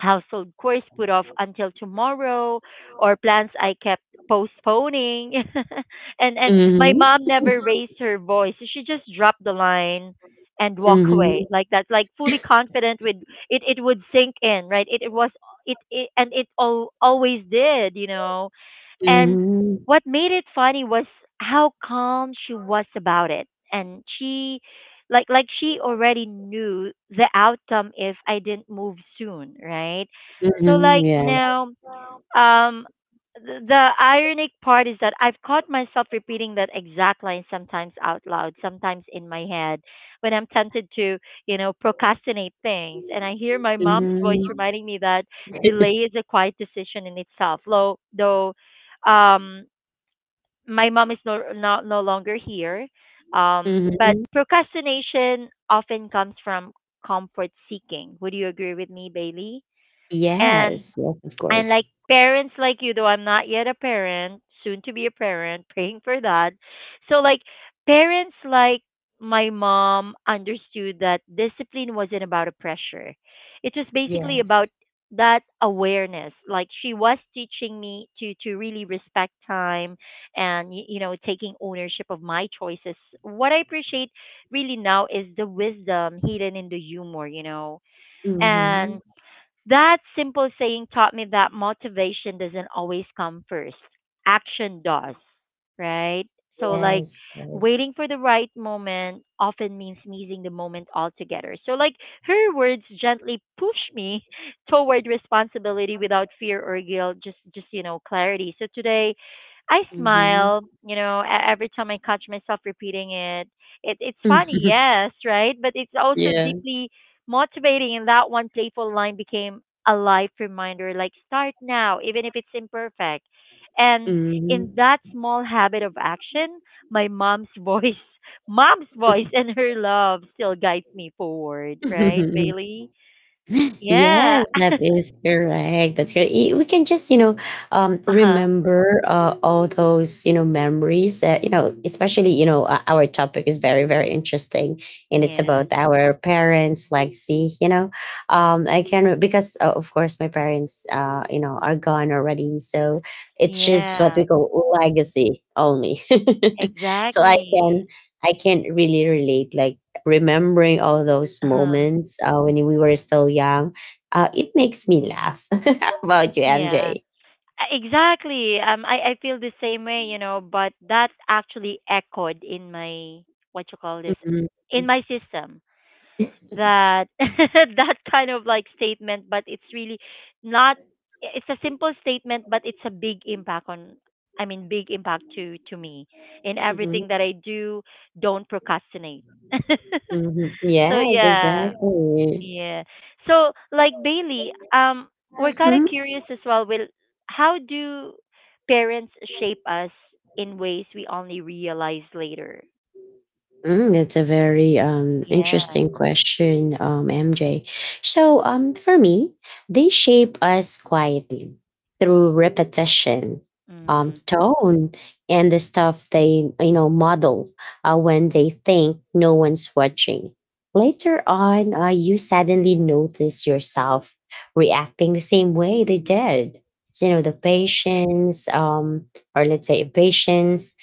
Speaker 1: household chores put off until tomorrow or plans I kept postponing. And my
Speaker 2: Mhm,
Speaker 1: mom never raised her voice. So she just dropped the line and walk
Speaker 2: mhm,
Speaker 1: away like that, like fully confident with it it would sink in, right? it was it, it and it all, always did, you know. And
Speaker 2: mhm,
Speaker 1: what made it funny was how calm she was about it. And she she already knew the outcome if I didn't move soon, right? So
Speaker 2: mhm,
Speaker 1: like
Speaker 2: yeah,
Speaker 1: now, um, the ironic part is that I've caught myself repeating that exact line, sometimes out loud, sometimes in my head, when I'm tempted to, you know, procrastinate things. And I hear my mom's voice
Speaker 2: hmm,
Speaker 1: reminding me that delay is a quiet decision in itself. Um, my mom is no longer here. But
Speaker 2: mhm.
Speaker 1: procrastination often comes from comfort seeking. Would you agree with me, Bailey? And
Speaker 2: Yes, yes, of course.
Speaker 1: parents like you, though I'm not yet a parent, soon to be a parent, praying for that. So like parents like my mom understood that discipline wasn't about a pressure. It was basically about
Speaker 2: Yes.
Speaker 1: that awareness. Like she was teaching me to really respect time and you know taking ownership of my choices. What I appreciate really now is the wisdom hidden in the humor, you know.
Speaker 2: Mhm.
Speaker 1: That simple saying taught me that motivation doesn't always come first. Action does, right? So, like,
Speaker 2: Yes, yes.
Speaker 1: waiting for the right moment often means missing the moment altogether. So, like, her words gently push me toward responsibility without fear or guilt, just you know, clarity. So, today, I
Speaker 2: Mhm.
Speaker 1: smile, you know, every time I catch myself repeating it. It. It's funny, yes, right? But it's also
Speaker 2: Yeah,
Speaker 1: deeply motivating in that one playful line, became a life reminder, like start now, even if it's imperfect. And
Speaker 2: mhm.
Speaker 1: in that small habit of action, my mom's voice, mom's voice and her love still guides me forward, right, Bailey? Yeah.
Speaker 2: Yes, that is correct. That's correct. Y- we can just, you know,
Speaker 1: Uh-huh.
Speaker 2: remember all those, you know, memories. That, especially, our topic is very, very interesting, and it's
Speaker 1: Yeah.
Speaker 2: about our parents' legacy. I can re- because of course my parents, are gone already, so it's just what
Speaker 1: Yeah.
Speaker 2: we call legacy only. So i
Speaker 1: Exactly.
Speaker 2: can i can really relate, like remembering all those
Speaker 1: Uh-huh.
Speaker 2: moments when we were still young. It makes me laugh. How about you,
Speaker 1: Yeah.
Speaker 2: MJ?
Speaker 1: Exactly. I feel the same way, you know, but that actually echoed in my, what you call this,
Speaker 2: Mhm.
Speaker 1: in my system. That that kind of like statement, but it's really not. It's a simple statement, but it's a big impact on. I mean, big impact to me in
Speaker 2: Mhm.
Speaker 1: everything that I do. Don't procrastinate.
Speaker 2: Mhm.
Speaker 1: So
Speaker 2: Yes,
Speaker 1: yeah,
Speaker 2: exactly.
Speaker 1: yeah. So, like Bailey, we're kind of
Speaker 2: Mhm.
Speaker 1: curious as well. Will how do parents shape us in ways we only realize later?
Speaker 2: Mm, that's a very
Speaker 1: Yeah.
Speaker 2: interesting question, MJ. So, for me, they shape us quietly through repetition,
Speaker 1: Mm.
Speaker 2: tone, and the stuff they, you know, model when they think no one's watching. Later on, you suddenly notice yourself reacting the same way they did. So, you know,
Speaker 1: Mm.
Speaker 2: the patience, or let's say patience,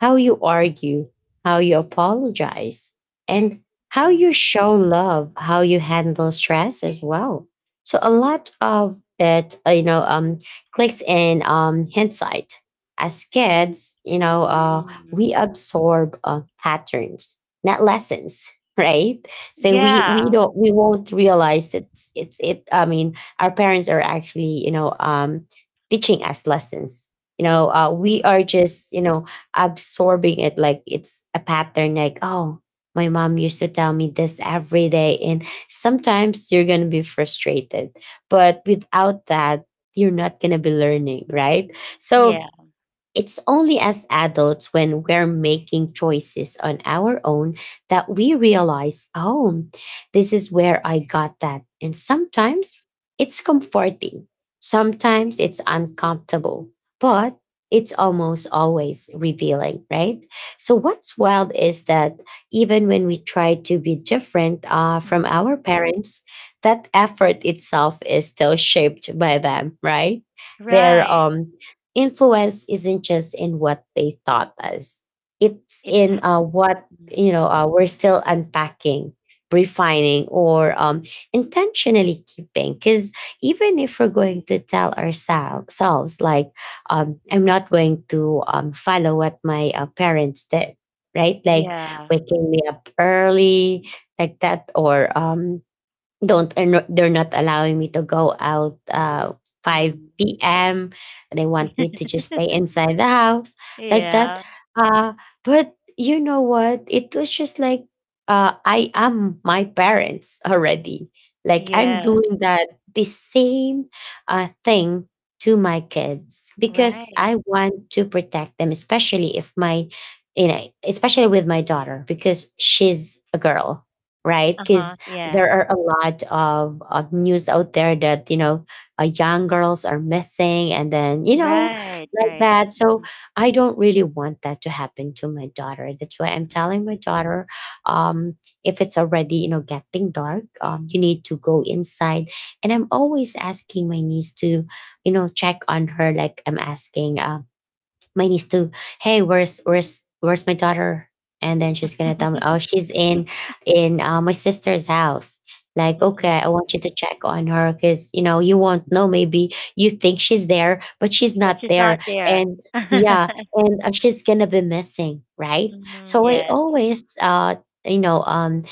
Speaker 2: how you argue, how you apologize, and how
Speaker 1: Mm.
Speaker 2: you show love, how you handle stress as well. So a lot of that, clicks in hindsight. As kids,
Speaker 1: Mm.
Speaker 2: we absorb patterns, not lessons, right? So we
Speaker 1: Yeah.
Speaker 2: don't we won't realize that it's it. I mean, our parents are actually, you know, teaching us lessons. You know, we are
Speaker 1: Mm.
Speaker 2: just, you know, absorbing it like it's a pattern. Like, oh, my mom used to tell me this every day, and sometimes you're going to be frustrated, but without that, you're not going to be learning, right? So
Speaker 1: Yeah.
Speaker 2: it's only as adults, when we're making choices on our own, that we realize, oh, this is where I got that. And sometimes it's comforting, sometimes it's uncomfortable, but it's almost always revealing, right? So, what's wild is that even when we try to be different from
Speaker 1: Mm.
Speaker 2: our parents, that effort itself is still shaped by them, right? Their
Speaker 1: Right.
Speaker 2: influence isn't just in what they taught us, it's
Speaker 1: It's.
Speaker 2: in uh, what
Speaker 1: Mm.
Speaker 2: you know uh, we're still unpacking, refining, or intentionally keeping, because even if we're going to tell ourselves like, I'm not going to follow what my parents did, right? Like
Speaker 1: Yeah.
Speaker 2: waking me up early like that, or don't and no- they're not allowing me to go out
Speaker 1: Mm.
Speaker 2: 5 p.m. They want me to just stay inside the house like that.
Speaker 1: Yeah.
Speaker 2: uh but you know what, it was just like, I am my parents already. Like, I'm
Speaker 1: Yes.
Speaker 2: doing that the same thing to my kids because
Speaker 1: Right.
Speaker 2: I want to protect them, especially if my, you know, especially with my daughter, because she's a girl, right?
Speaker 1: Uh
Speaker 2: Because
Speaker 1: huh. Yeah.
Speaker 2: there are a lot of news out there that, you know, young girls are missing, and then, you know,
Speaker 1: Right.
Speaker 2: like
Speaker 1: Right.
Speaker 2: that. So
Speaker 1: Mm.
Speaker 2: I don't really want that to happen to my daughter. That's why I'm telling
Speaker 1: Mm.
Speaker 2: my daughter, um, if it's already, you know, getting dark, you need to go inside. And I'm always asking my niece to, you know, check on her. Like, I'm asking my niece to, hey, where's my daughter? And then she's gonna tell me, oh, she's in my sister's house. Like, okay, I
Speaker 1: Mm.
Speaker 2: want you to check on her, because you know, you won't know. Maybe you think she's there, but she's
Speaker 1: But
Speaker 2: not
Speaker 1: she's
Speaker 2: there.
Speaker 1: not there.
Speaker 2: And yeah, and she's gonna be missing, right?
Speaker 1: Mm,
Speaker 2: So I
Speaker 1: yes.
Speaker 2: always, you know, um,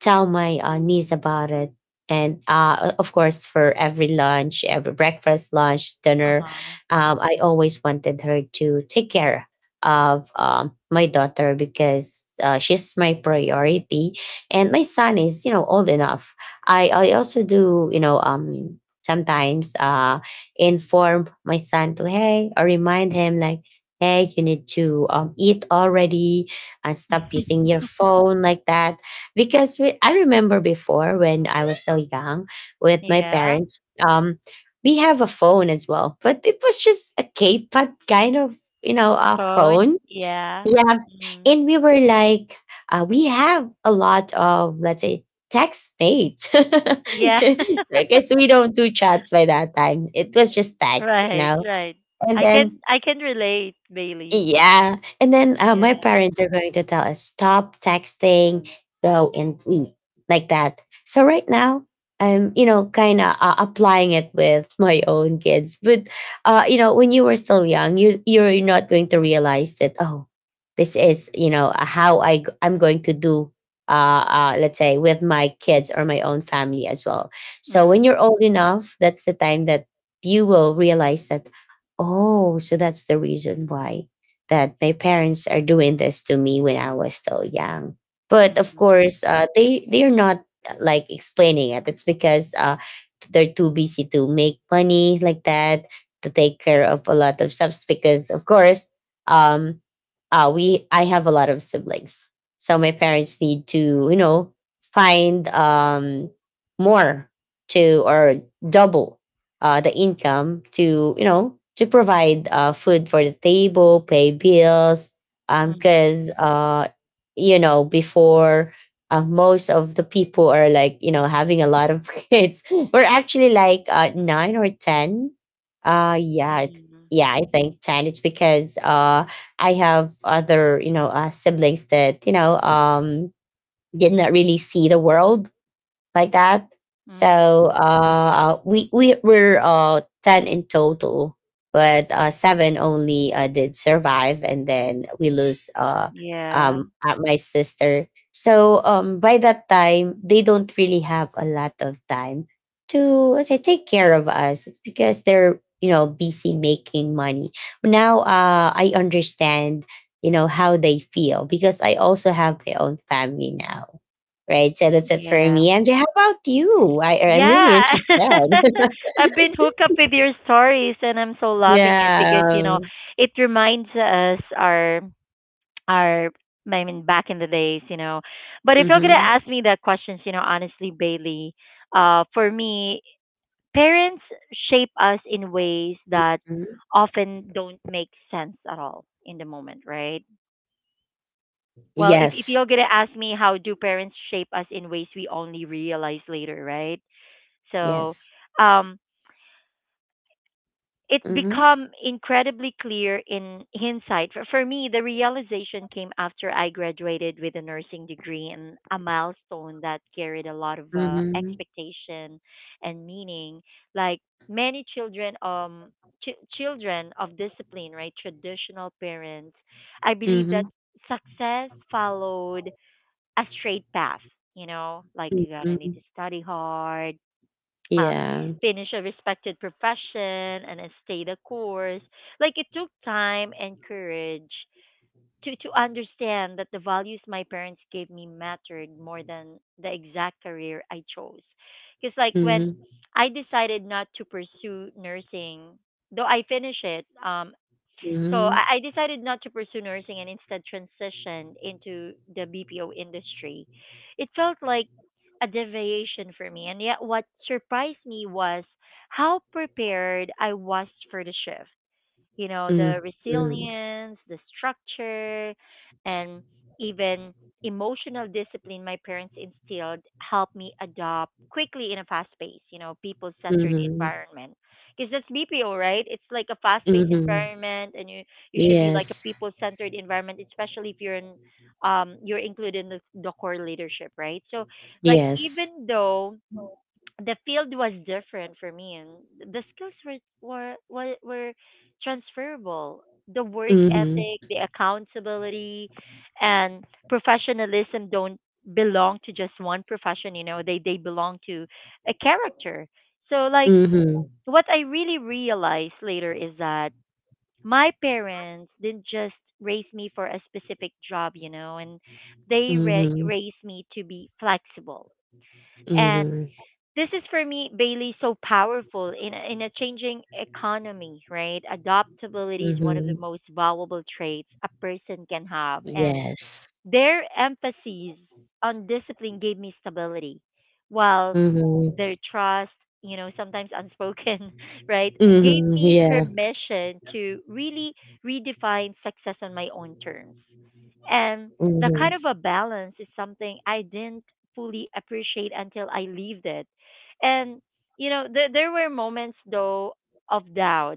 Speaker 2: tell my niece about it. And of course, for every lunch, every breakfast, lunch, dinner,
Speaker 1: Uh-huh.
Speaker 2: I always wanted her to take care of my daughter, because she's my priority. And my son is, you know, old enough. I also do, you know, sometimes inform my son to, hey, or remind him, like, hey, you need to eat already and stop using your phone like that. Because I remember before, when I was so young, with my
Speaker 1: Yeah.
Speaker 2: parents, um, we have a phone as well, but it was just a K-pop kind of, you know, a
Speaker 1: Phone.
Speaker 2: phone.
Speaker 1: Yeah.
Speaker 2: Yeah,
Speaker 1: Mm.
Speaker 2: and we were like, we have a lot of, let's say, text mates.
Speaker 1: Yeah.
Speaker 2: Because we don't do chats by that time. It was just text, you
Speaker 1: Right,
Speaker 2: know,
Speaker 1: right.
Speaker 2: and
Speaker 1: I can
Speaker 2: then
Speaker 1: I can relate, Bailey.
Speaker 2: yeah. And then
Speaker 1: Yeah.
Speaker 2: my parents are going to tell us, stop texting, go and eat like that. So right now, I'm, you know, kind of applying it with my own kids. But, you know, when you were still young, you're not going to realize that, oh, this is, you know, I'm going to do, uh, let's say, with my kids or my own family as well. So when
Speaker 1: Mm.
Speaker 2: you're old enough, that's the time that you will realize that, oh, so that's the reason why that my parents are doing this to me when I was still young. But of
Speaker 1: Mhm.
Speaker 2: course, they are not like explaining it. It's because they're too busy to make money like that, to take care of a lot of stuff. Because of course, um, we I have a lot of siblings, so my parents need to, you know, find more to, or double the income to, you know, to provide food for the table, pay bills,
Speaker 1: Mhm.
Speaker 2: because you know, before most of the people are like, you know, having a lot of kids. We're actually like nine or ten. Uh, yeah, it-
Speaker 1: Mhm.
Speaker 2: yeah, I think ten. It's because I have other, you know, siblings that, you know, did not really see the world like that.
Speaker 1: Mhm.
Speaker 2: So we were ten in total, but seven only did survive, and then we lose
Speaker 1: Yeah.
Speaker 2: my sister. So by that time, they don't really have a lot of time to, let's say, take care of us because they're, you know, busy making money. Now I understand, you know, how they feel, because I also have my own family now. Right. So that's it for
Speaker 1: Yeah.
Speaker 2: me. MJ, how about you? I'm really
Speaker 1: Yeah.
Speaker 2: interested.
Speaker 1: I've been hooked up with your stories and I'm so loving it because, you
Speaker 2: Yeah.
Speaker 1: know, it reminds us our are I mean back in the days, you know. But if you're gonna
Speaker 2: Mm-hmm.
Speaker 1: ask me that questions, you know, honestly, Bailey, for me, parents shape us in ways that often don't make sense at all in the moment, right? Well, if you're
Speaker 2: Yes.
Speaker 1: gonna ask me how do parents shape us in ways we only realize later, right? So,
Speaker 2: Yes.
Speaker 1: um, it
Speaker 2: Mm-hmm.
Speaker 1: become incredibly clear in hindsight. For me, the realization came after I graduated with a nursing degree and a milestone that carried a lot of
Speaker 2: Mm-hmm.
Speaker 1: expectation and meaning. Like many children, children of discipline, right? Traditional parents, I believe that
Speaker 2: Mm-hmm.
Speaker 1: success followed a straight path. You know, like you gotta need
Speaker 2: Mm-hmm.
Speaker 1: to study hard, um,
Speaker 2: Yeah.
Speaker 1: finish a respected profession and then stay the course. Like it took time and courage to understand that the values my parents gave me mattered more than the exact career I chose. Because like when
Speaker 2: Mm-hmm.
Speaker 1: I decided not to pursue nursing, though I finished it, um, so
Speaker 2: Mm-hmm.
Speaker 1: I, I decided not to pursue nursing and instead transitioned into the BPO industry. It felt like a deviation for me. And yet, what surprised me was how prepared I was for the shift, you know, the
Speaker 2: Mm-hmm.
Speaker 1: resilience, the structure, and even emotional discipline my parents instilled helped me adopt quickly in a fast paced, you know, people centered
Speaker 2: Mm-hmm.
Speaker 1: environment. Because that's BPO, right? It's like a fast paced
Speaker 2: Mm-hmm.
Speaker 1: environment and you should be like a
Speaker 2: Yes.
Speaker 1: people centered environment, especially if you're in, you're included in the core leadership, right? So like
Speaker 2: Yes.
Speaker 1: even though the field was different for me and the skills were transferable, the work
Speaker 2: Mm-hmm.
Speaker 1: ethic, the accountability and professionalism don't belong to just one profession, you know, they belong to a character. So like
Speaker 2: Mm-hmm.
Speaker 1: what I really realized later is that my parents didn't just raise me for a specific job, you know, and they
Speaker 2: Mm-hmm.
Speaker 1: raised me to be flexible. And
Speaker 2: Mm-hmm.
Speaker 1: this is for me, Bailey, so powerful in a changing economy, right? Adaptability is one of the
Speaker 2: Mm-hmm.
Speaker 1: most valuable traits a person can have, and
Speaker 2: Yes.
Speaker 1: their emphasis on discipline gave me stability, while
Speaker 2: Mm-hmm.
Speaker 1: their trust, you know, sometimes unspoken, right, gave
Speaker 2: Mm-hmm.
Speaker 1: me
Speaker 2: Yeah.
Speaker 1: permission to really redefine success on my own terms. And the
Speaker 2: Mm-hmm.
Speaker 1: kind of a balance is something I didn't fully appreciate until I lived it. And, you know, there were moments, though, of doubt.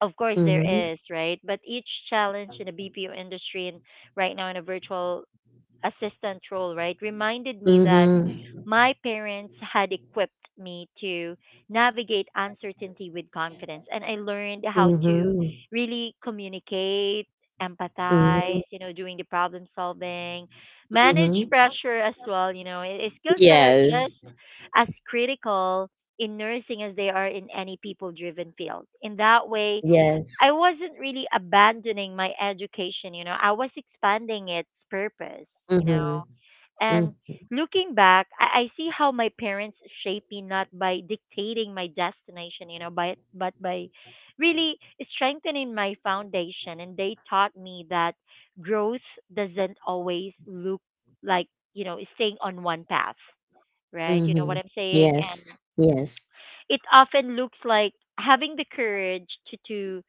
Speaker 1: Of course,
Speaker 2: Mm-hmm.
Speaker 1: there is, right? But each challenge in the BPO industry and right now in a virtual assistant role, right, reminded me that
Speaker 2: Mm-hmm.
Speaker 1: my parents had equipped me to navigate uncertainty with confidence. And I learned how to
Speaker 2: Mhm.
Speaker 1: really communicate, empathize,
Speaker 2: Mhm,
Speaker 1: you know, doing the problem solving, manage
Speaker 2: mhm.
Speaker 1: pressure as well, you know, skills that are
Speaker 2: Yes,
Speaker 1: just as critical in nursing as they are in any people driven field. In that way, I
Speaker 2: yes.
Speaker 1: wasn't really abandoning my education, you know, I was expanding its purpose, you know.
Speaker 2: Mhm, mhm,
Speaker 1: And looking back, I see how my parents shaped me not by dictating my destination, you know, by, but by really strengthening my foundation. And they taught me that growth doesn't always look like, you know, staying on one path, right? You know what
Speaker 2: mhm.
Speaker 1: I'm saying? And
Speaker 2: Yes, yes.
Speaker 1: it often looks like having the courage to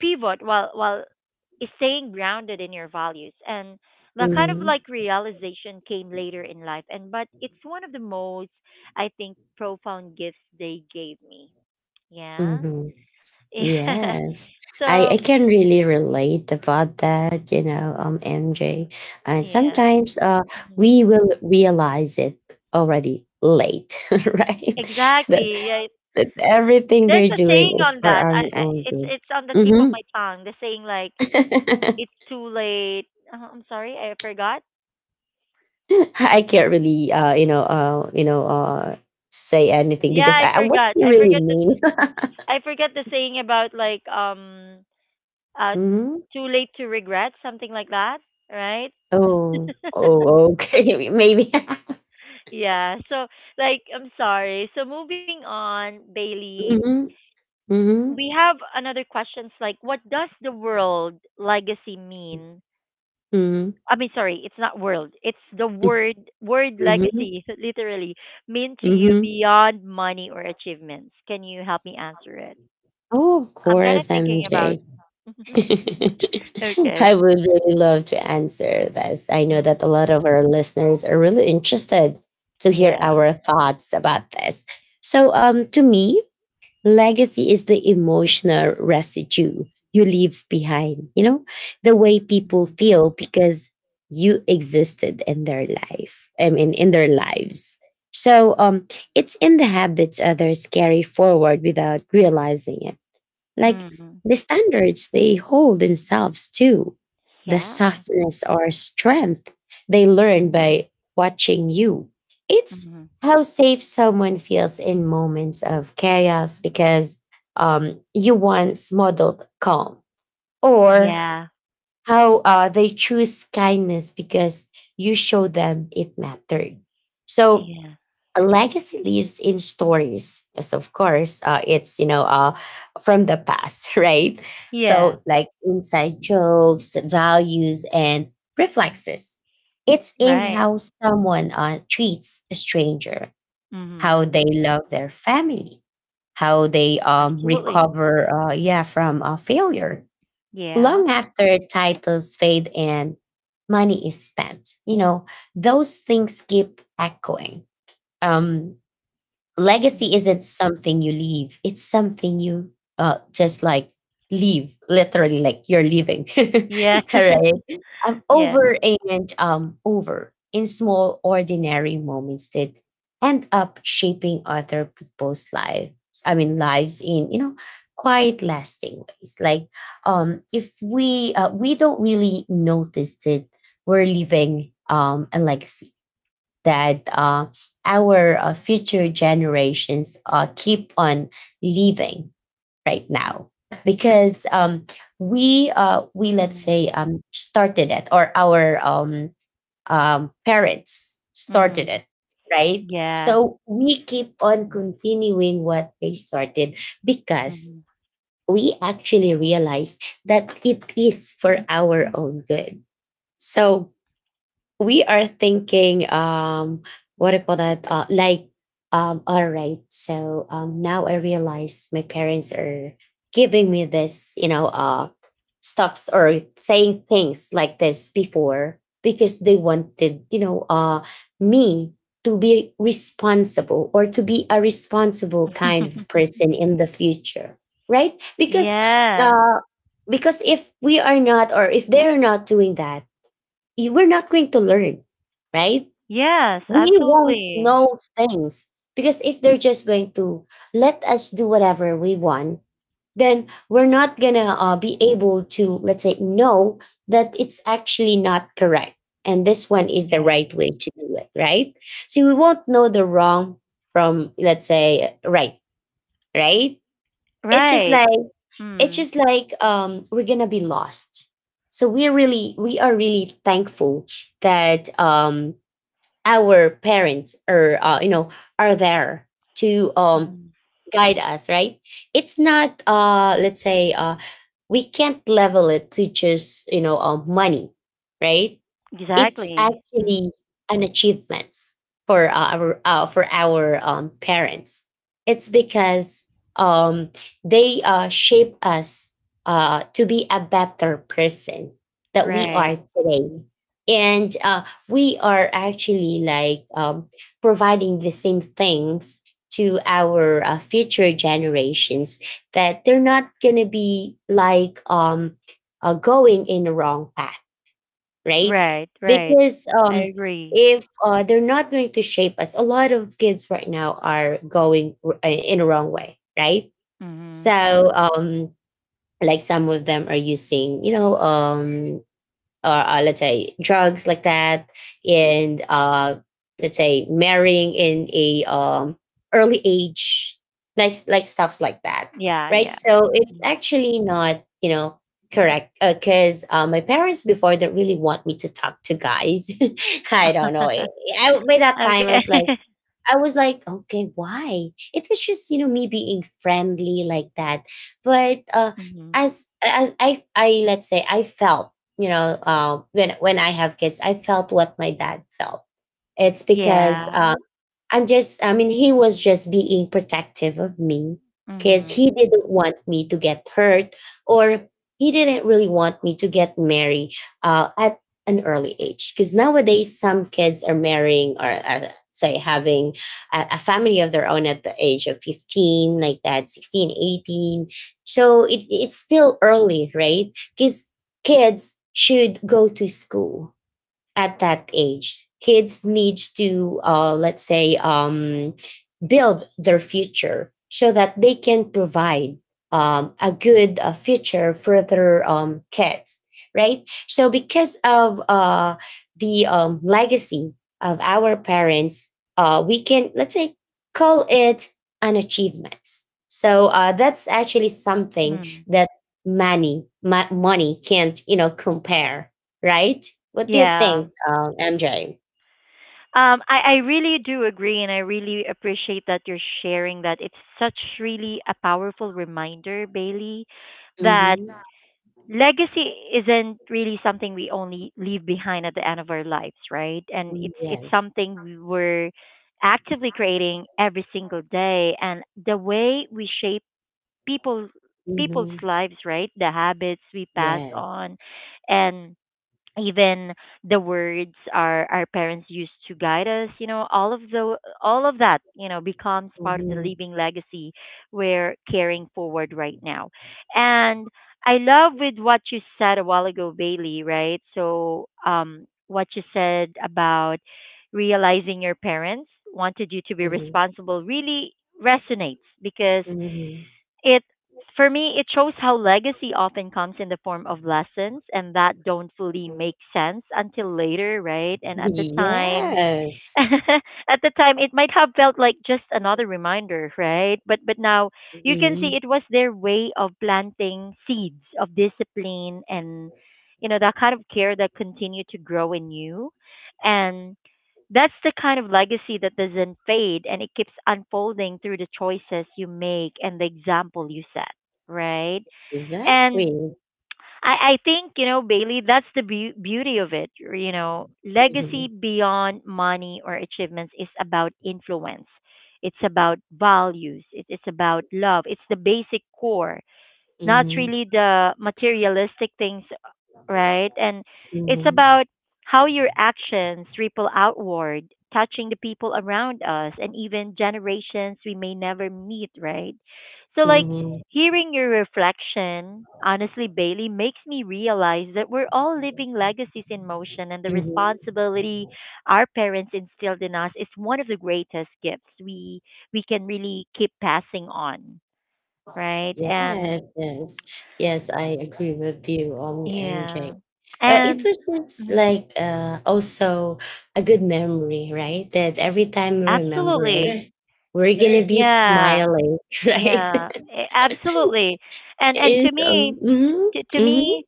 Speaker 1: pivot while staying grounded in your values, and that kind of
Speaker 2: Mhm.
Speaker 1: like realization came later in life, and but it's one of the most, I think, profound gifts they gave me. Yeah.
Speaker 2: Mhm.
Speaker 1: Yeah.
Speaker 2: Yes.
Speaker 1: So
Speaker 2: I can really relate about that, you know, MJ. And
Speaker 1: yeah.
Speaker 2: sometimes
Speaker 1: Mhm.
Speaker 2: we will realize it already late, right? That
Speaker 1: Exactly. Yeah.
Speaker 2: that everything
Speaker 1: There's
Speaker 2: they're
Speaker 1: a saying
Speaker 2: doing is
Speaker 1: on
Speaker 2: for
Speaker 1: that,
Speaker 2: our
Speaker 1: I
Speaker 2: own
Speaker 1: it's
Speaker 2: good.
Speaker 1: on the tip of my
Speaker 2: Mhm.
Speaker 1: tongue, the saying like it's too late. I'm sorry, I forgot.
Speaker 2: I can't really say anything
Speaker 1: Yeah,
Speaker 2: because what do you really mean?
Speaker 1: I forget the saying about like uh
Speaker 2: Hmm.
Speaker 1: too late to regret something like that, right?
Speaker 2: Oh, oh, okay. Maybe.
Speaker 1: Yeah, so like I'm sorry, so moving on, Bailey,
Speaker 2: Hmm. Hmm.
Speaker 1: we have another questions like what does the world legacy
Speaker 2: Hmm.
Speaker 1: mean?
Speaker 2: Hmm.
Speaker 1: I mean, sorry, it's not world, it's the word, legacy literally mean to you
Speaker 2: Hmm.
Speaker 1: beyond money or achievements? Can you help me answer it?
Speaker 2: Oh, of
Speaker 1: I'm kind of
Speaker 2: course,
Speaker 1: thinking about.
Speaker 2: MJ.
Speaker 1: Okay.
Speaker 2: I would really love to answer this. I know that a
Speaker 1: Mhm.
Speaker 2: lot of our listeners are really interested to hear
Speaker 1: Yeah.
Speaker 2: our thoughts about this. So, to me, legacy is the emotional residue you leave behind, you know, the way
Speaker 1: Mm-hmm.
Speaker 2: people feel because you existed in their I mean, in their lives. So it's in the habits others carry forward without realizing it, like
Speaker 1: Mm-hmm.
Speaker 2: the standards they hold themselves to, the
Speaker 1: Yeah.
Speaker 2: softness or strength they learn by watching you. It's
Speaker 1: Mhm.
Speaker 2: how safe someone feels in moments of chaos because you once modeled calm, or
Speaker 1: Yeah.
Speaker 2: how they choose kindness because you show them it mattered. So
Speaker 1: Yeah.
Speaker 2: a legacy lives in stories, yes, of course, it's you know from the past, right?
Speaker 1: Yeah.
Speaker 2: So like inside jokes, values, and reflexes. It's in
Speaker 1: Right.
Speaker 2: how someone treats a stranger,
Speaker 1: Mhm.
Speaker 2: how they love their family, how they um,
Speaker 1: Absolutely.
Speaker 2: recover uh, yeah from failure.
Speaker 1: Yeah.
Speaker 2: Long after titles fade and money is spent, you know, those things keep echoing. um
Speaker 1: Mm.
Speaker 2: Legacy isn't something you leave, it's something you just leave literally, like you're leaving,
Speaker 1: Yeah.
Speaker 2: all right?
Speaker 1: Yeah.
Speaker 2: Over and over in small ordinary moments that end up shaping other people's lives, I mean lives in, you know, quite lasting ways. Like if we don't really notice that we're leaving a legacy that our future generations keep on living right now, because we let's
Speaker 1: Mhm.
Speaker 2: say started it, or our parents started
Speaker 1: Mhm.
Speaker 2: it, right?
Speaker 1: Yeah.
Speaker 2: So we keep on continuing what they started, because
Speaker 1: Mhm.
Speaker 2: we actually realized that it is for our own good. So we are thinking, what do you call that like, all right, so now I realize my parents are giving me this, you know, stuffs, or saying things like this before, because they wanted, you know, me to be responsible, or to be a responsible kind of person in the future, right? Because
Speaker 1: Yeah.
Speaker 2: uh because if we are not, or if they're not doing that, we're not going to learn, right?
Speaker 1: Yes,
Speaker 2: We won't
Speaker 1: absolutely.
Speaker 2: know things because if they're just going to let us do whatever we want, then we're not gonna be able to, let's say, know that it's actually not correct. And this one is the
Speaker 1: Yeah.
Speaker 2: right way to do it, right? So we won't know the wrong from, let's say, right, right? It's just
Speaker 1: Right.
Speaker 2: like it's
Speaker 1: Mm.
Speaker 2: just like um, we're gonna be lost. So we are really thankful that our parents are are there to
Speaker 1: Mhm.
Speaker 2: guide us, right. It's not let's say we can't level it to just money, right. It's
Speaker 1: Exactly. Mm.
Speaker 2: actually an achievement for our parents. It's because um, they shape us to be a better person that we
Speaker 1: Right.
Speaker 2: are today, and we are actually providing the same things to our future generations that they're not gonna be going in the wrong path, right?
Speaker 1: Right. Right.
Speaker 2: Because
Speaker 1: I agree.
Speaker 2: if they're not going to shape us, a lot of kids right now are going in a wrong way, right?
Speaker 1: Mhm.
Speaker 2: So, like some of them are using, or let's say drugs like that, and let's say marrying in a early age, like stuffs like that,
Speaker 1: Yeah,
Speaker 2: right.
Speaker 1: yeah.
Speaker 2: So it's
Speaker 1: Mhm.
Speaker 2: actually not correct, because my parents before didn't really want me to talk to guys. I don't know. By that time i
Speaker 1: Okay.
Speaker 2: was like I was like, okay, why? It was just me being friendly like that, but
Speaker 1: Mhm.
Speaker 2: as I let's say I felt when I have kids, I felt what my dad felt. It's because
Speaker 1: Yeah.
Speaker 2: I'm just, I mean, he was just being protective of me because he
Speaker 1: Mhm.
Speaker 2: didn't want me to get hurt, or he didn't really want me to get married at an early age. Because nowadays, some kids are marrying or say having a family of their own at the age of 15, like that, 16, 18. So it's still early, right? Because kids should go to school. At that age kids needs to let's say build their future so that they can provide a good future for their kids, right. So because of the legacy of our parents, we can let's say call it an achievement. So that's actually something
Speaker 1: Mm.
Speaker 2: that money can't compare, right. What do you
Speaker 1: Yeah.
Speaker 2: think, MJ?
Speaker 1: I really do agree, and I really appreciate that you're sharing that. It's such really a powerful reminder, Bailey, that
Speaker 2: Mhm.
Speaker 1: legacy isn't really something we only leave behind at the end of our lives, right? And
Speaker 2: Mm,
Speaker 1: it's
Speaker 2: yes.
Speaker 1: something we we're actively creating every single day, and the way we shape people people's
Speaker 2: Mhm.
Speaker 1: lives, right? The habits we pass
Speaker 2: Yes.
Speaker 1: on, and even the words our parents used to guide us, you know, all of the all of that, you know, becomes part of the
Speaker 2: Mhm.
Speaker 1: living legacy we're carrying forward right now. And I love with what you said a while ago, Bailey, right? So, what you said about realizing your parents wanted you to be
Speaker 2: Mhm.
Speaker 1: responsible really resonates, because
Speaker 2: Mhm.
Speaker 1: it for me, it shows how legacy often comes in the form of lessons and that don't fully
Speaker 2: Mhm.
Speaker 1: make sense until later, right? And at the time
Speaker 2: Yes.
Speaker 1: at the time, it might have felt like just another reminder, right? But now you can see
Speaker 2: Mhm.
Speaker 1: it was their way of planting seeds of discipline, and you know that kind of care that continue to grow in you, and that's the kind of legacy that doesn't fade, and it keeps unfolding through the choices you make and the example you set, right? And
Speaker 2: Exactly.
Speaker 1: I think, you know, Bailey, that's the beauty of it. You know, legacy
Speaker 2: Mhm.
Speaker 1: beyond money or achievements is about influence. It's about values. It is about love. It's the basic core, not
Speaker 2: Mhm.
Speaker 1: really the materialistic things, right? And it's
Speaker 2: Mhm.
Speaker 1: about how your actions ripple outward, touching the people around us and even generations we may never meet, right? So, like,
Speaker 2: Mhm.
Speaker 1: hearing your reflection, honestly, Bailey, makes me realize that we're all living legacies in motion, and the
Speaker 2: Mhm.
Speaker 1: responsibility our parents instilled in us is one of the greatest gifts we can really keep passing on, right? And
Speaker 2: Yes, yes. Yes, I agree with you,
Speaker 1: yeah,
Speaker 2: MJ. It
Speaker 1: and
Speaker 2: was just
Speaker 1: mm-hmm.
Speaker 2: like also a good memory, right? That every time we remember it,
Speaker 1: Absolutely.
Speaker 2: yes, we're gonna be
Speaker 1: Yeah.
Speaker 2: smiling, right?
Speaker 1: Yeah. Absolutely. And
Speaker 2: And
Speaker 1: to me, to
Speaker 2: mm-hmm,
Speaker 1: me,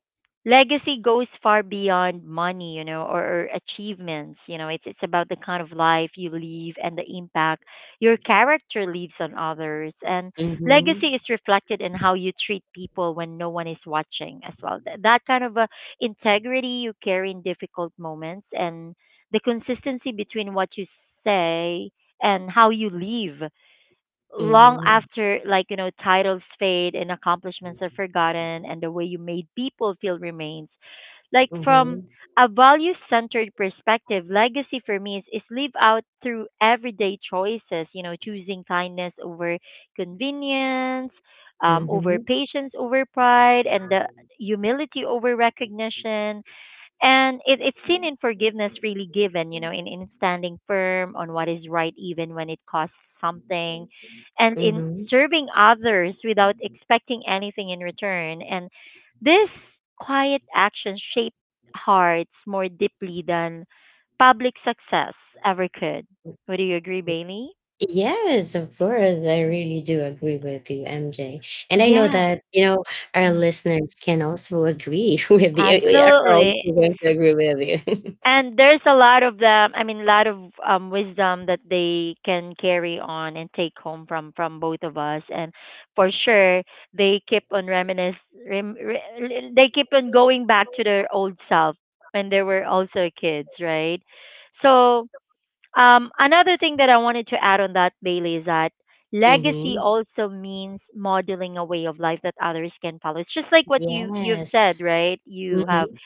Speaker 1: legacy goes far beyond money, you know, or achievements. You know, it's about the kind of life you leave and the impact your character leaves on others. And legacy
Speaker 2: mm-hmm,
Speaker 1: is reflected in how you treat people when no one is watching as well. That kind of integrity you carry in difficult moments, and the consistency between what you say and how you live long
Speaker 2: mm-hmm,
Speaker 1: after, like, you know, titles fade and accomplishments are forgotten, and the way you made people feel remains, like
Speaker 2: mm-hmm,
Speaker 1: from a value centered perspective. Legacy for me is live out through everyday choices, you know, choosing kindness over convenience, over
Speaker 2: mm-hmm.
Speaker 1: patience, over pride, and the humility over recognition. And it, it's seen in forgiveness really given, you know, in standing firm on what is right even when it costs something, and in
Speaker 2: Hmm.
Speaker 1: serving others without expecting anything in return. And this quiet action shaped hearts more deeply than public success ever could. Would you agree, Bailey?
Speaker 2: Yes, of course. I really do agree with you, MJ. And I know
Speaker 1: Yeah.
Speaker 2: that, our
Speaker 1: Mm.
Speaker 2: listeners can also agree with you. We are also
Speaker 1: Absolutely.
Speaker 2: going to agree with you.
Speaker 1: And there's a lot of them, I mean a lot of wisdom that they can carry on and take home from both of us. And for sure, they keep on reminisce rem, re, they keep on going back to their old self when they were also kids, right? So, another thing that I wanted to add on that, Bailey, is that legacy
Speaker 2: Hmm.
Speaker 1: also means modeling a way of life that others can follow. It's just like what you you've said,
Speaker 2: Yes.
Speaker 1: right? You have
Speaker 2: Hmm.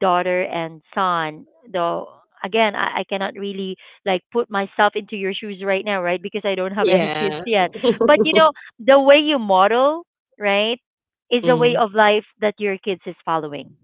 Speaker 1: daughter and son, though again, I cannot really, like, put myself into your shoes right now, right? Because I don't have any kids
Speaker 2: Yeah.
Speaker 1: yet. But you know, the way you model, right, is a way
Speaker 2: Mm-hmm.
Speaker 1: of life that your kids is following,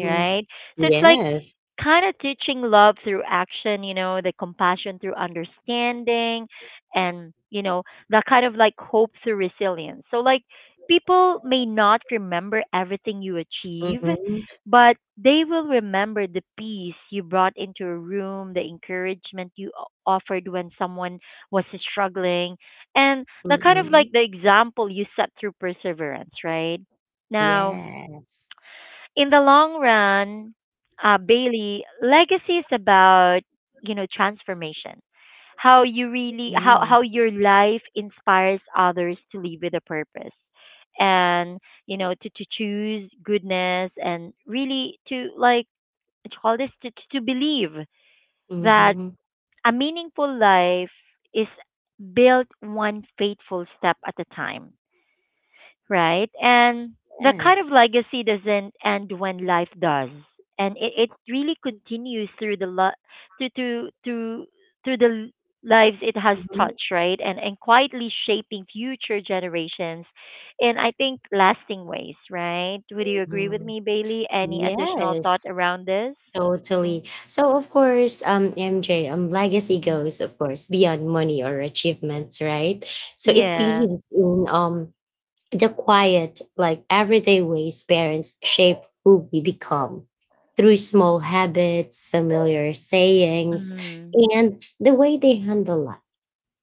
Speaker 1: right? So it's like
Speaker 2: Yes.
Speaker 1: kind of teaching love through action, you know, the compassion through understanding, and, you know, that kind of like hope through resilience. So, like, people may not remember everything you achieve,
Speaker 2: Hmm.
Speaker 1: but they will remember the peace you brought into a room, the encouragement you offered when someone was struggling, and the kind of like
Speaker 2: Hmm.
Speaker 1: the example you set through perseverance, right? Now,
Speaker 2: Yes.
Speaker 1: in the long run, Bailey, legacy is about, you know, transformation. How you really,
Speaker 2: Mm-hmm. Yes.
Speaker 1: how your life inspires others to live with a purpose, and you know, to choose goodness, and really to like, what you call this, to believe that a meaningful life is built one faithful step at a time, right? And the kind of legacy doesn't end when life does, and it really continues through the to to to through the lives it has touched, right? And quietly shaping future generations in, I think, lasting ways, right? Would you agree with
Speaker 2: Hmm.
Speaker 1: me, Bailey? Any additional thought
Speaker 2: Yes.
Speaker 1: around this? Mm.
Speaker 2: Totally. So of course, MJ, legacy
Speaker 1: Mm.
Speaker 2: goes, of course, beyond money or achievements, right? So it
Speaker 1: Yeah.
Speaker 2: lives in the quiet, like everyday ways parents shape who we become, through small habits, familiar sayings,
Speaker 1: Mm.
Speaker 2: and the way they handle life.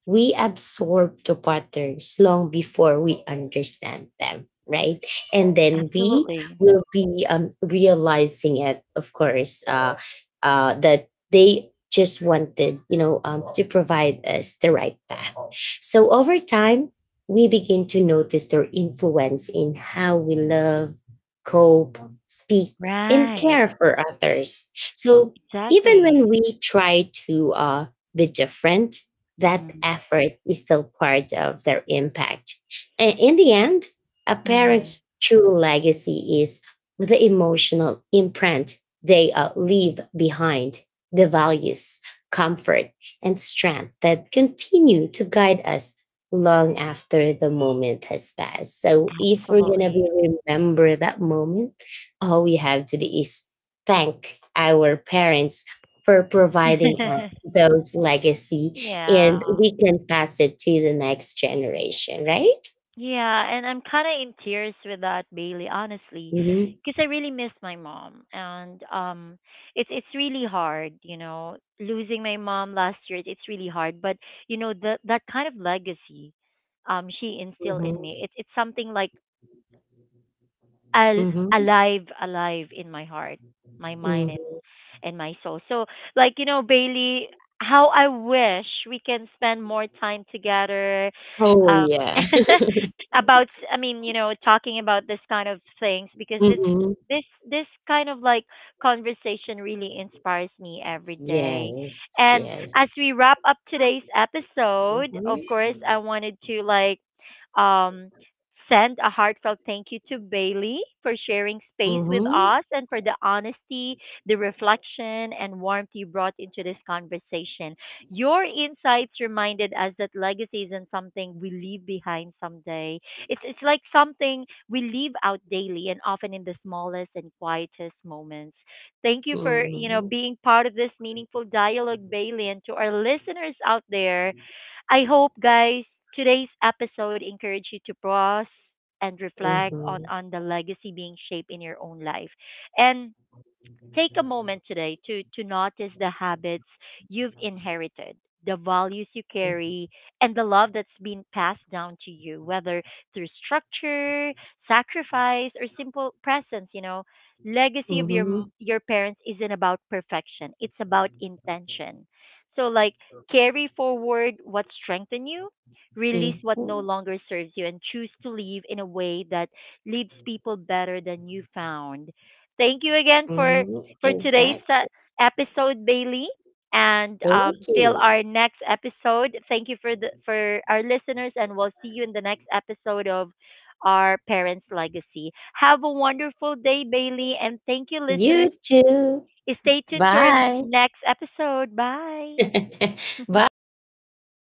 Speaker 2: We absorb the patterns long before we understand them, right. And then we
Speaker 1: Absolutely.
Speaker 2: will be realizing it, of course, that they just wanted to provide us the right path. So over time we begin to notice their influence in how we love, cope, speak, and
Speaker 1: Right.
Speaker 2: care for others. So even
Speaker 1: Exactly.
Speaker 2: when we try to be different, that
Speaker 1: Mm.
Speaker 2: effort is still part of their impact. And in the end, a
Speaker 1: Mm.
Speaker 2: parent's true legacy is the emotional imprint they leave behind, the values, comfort, and strength that continue to guide us long after the moment has passed. So if we're gonna
Speaker 1: Absolutely.
Speaker 2: be remember that moment, all we have to do is thank our parents for providing us those legacy,
Speaker 1: Yeah.
Speaker 2: and we can pass it to the next generation, right?
Speaker 1: Yeah, and I'm kind of in tears with that, Bailey, honestly,
Speaker 2: Hmm.
Speaker 1: because I really miss my mom, and it's really hard, you know, losing my mom last year. It's really hard, but you know the that kind of legacy, she instilled in me.
Speaker 2: Hmm.
Speaker 1: It's something like al-
Speaker 2: Hmm.
Speaker 1: alive, in my heart, my mind,
Speaker 2: Hmm.
Speaker 1: and my soul. So, like, you know, Bailey, how I wish we can spend more time together.
Speaker 2: Oh,
Speaker 1: Um,
Speaker 2: yeah.
Speaker 1: about, I mean, you know, talking about this kind of things, because
Speaker 2: Hmm.
Speaker 1: this kind of like conversation really inspires me every day.
Speaker 2: Yes,
Speaker 1: And
Speaker 2: yes.
Speaker 1: as we wrap up today's episode, of course,
Speaker 2: Mhm.
Speaker 1: I wanted to like um Send a heartfelt thank you to Bailey for sharing space with
Speaker 2: Mhm.
Speaker 1: us and for the honesty, the reflection, and warmth you brought into this conversation. Your insights reminded us that legacy isn't something we leave behind someday. It's like something we leave out daily, and often in the smallest and quietest moments. Thank you for, you know,
Speaker 2: Mhm.
Speaker 1: being part of this meaningful dialogue, Bailey, and to our listeners out there, I hope, guys, today's episode encouraged you to pause and reflect
Speaker 2: Mhm.
Speaker 1: on the legacy being shaped in your own life. And take a moment today to notice the habits you've inherited, the values you carry, and the love that's been passed down to you, whether through structure, sacrifice, or simple presence. You know, legacy of your
Speaker 2: Mhm.
Speaker 1: your parents isn't about perfection; it's about intention. So, like, carry forward what strengthened you, release what no
Speaker 2: Mhm.
Speaker 1: longer serves you, and choose to live in a way that leaves people better than you found. Thank you again
Speaker 2: Mhm.
Speaker 1: for today's
Speaker 2: Exact.
Speaker 1: episode, Bailey. And
Speaker 2: Thank
Speaker 1: till
Speaker 2: you.
Speaker 1: our next episode, thank you for our listeners, and we'll see you in the next episode of our parents' legacy. Have a wonderful day, Bailey, and thank you,
Speaker 2: You
Speaker 1: listeners.
Speaker 2: too.
Speaker 1: Stay tuned to our
Speaker 2: Bye.
Speaker 1: next episode. Bye.
Speaker 2: Bye, MJ.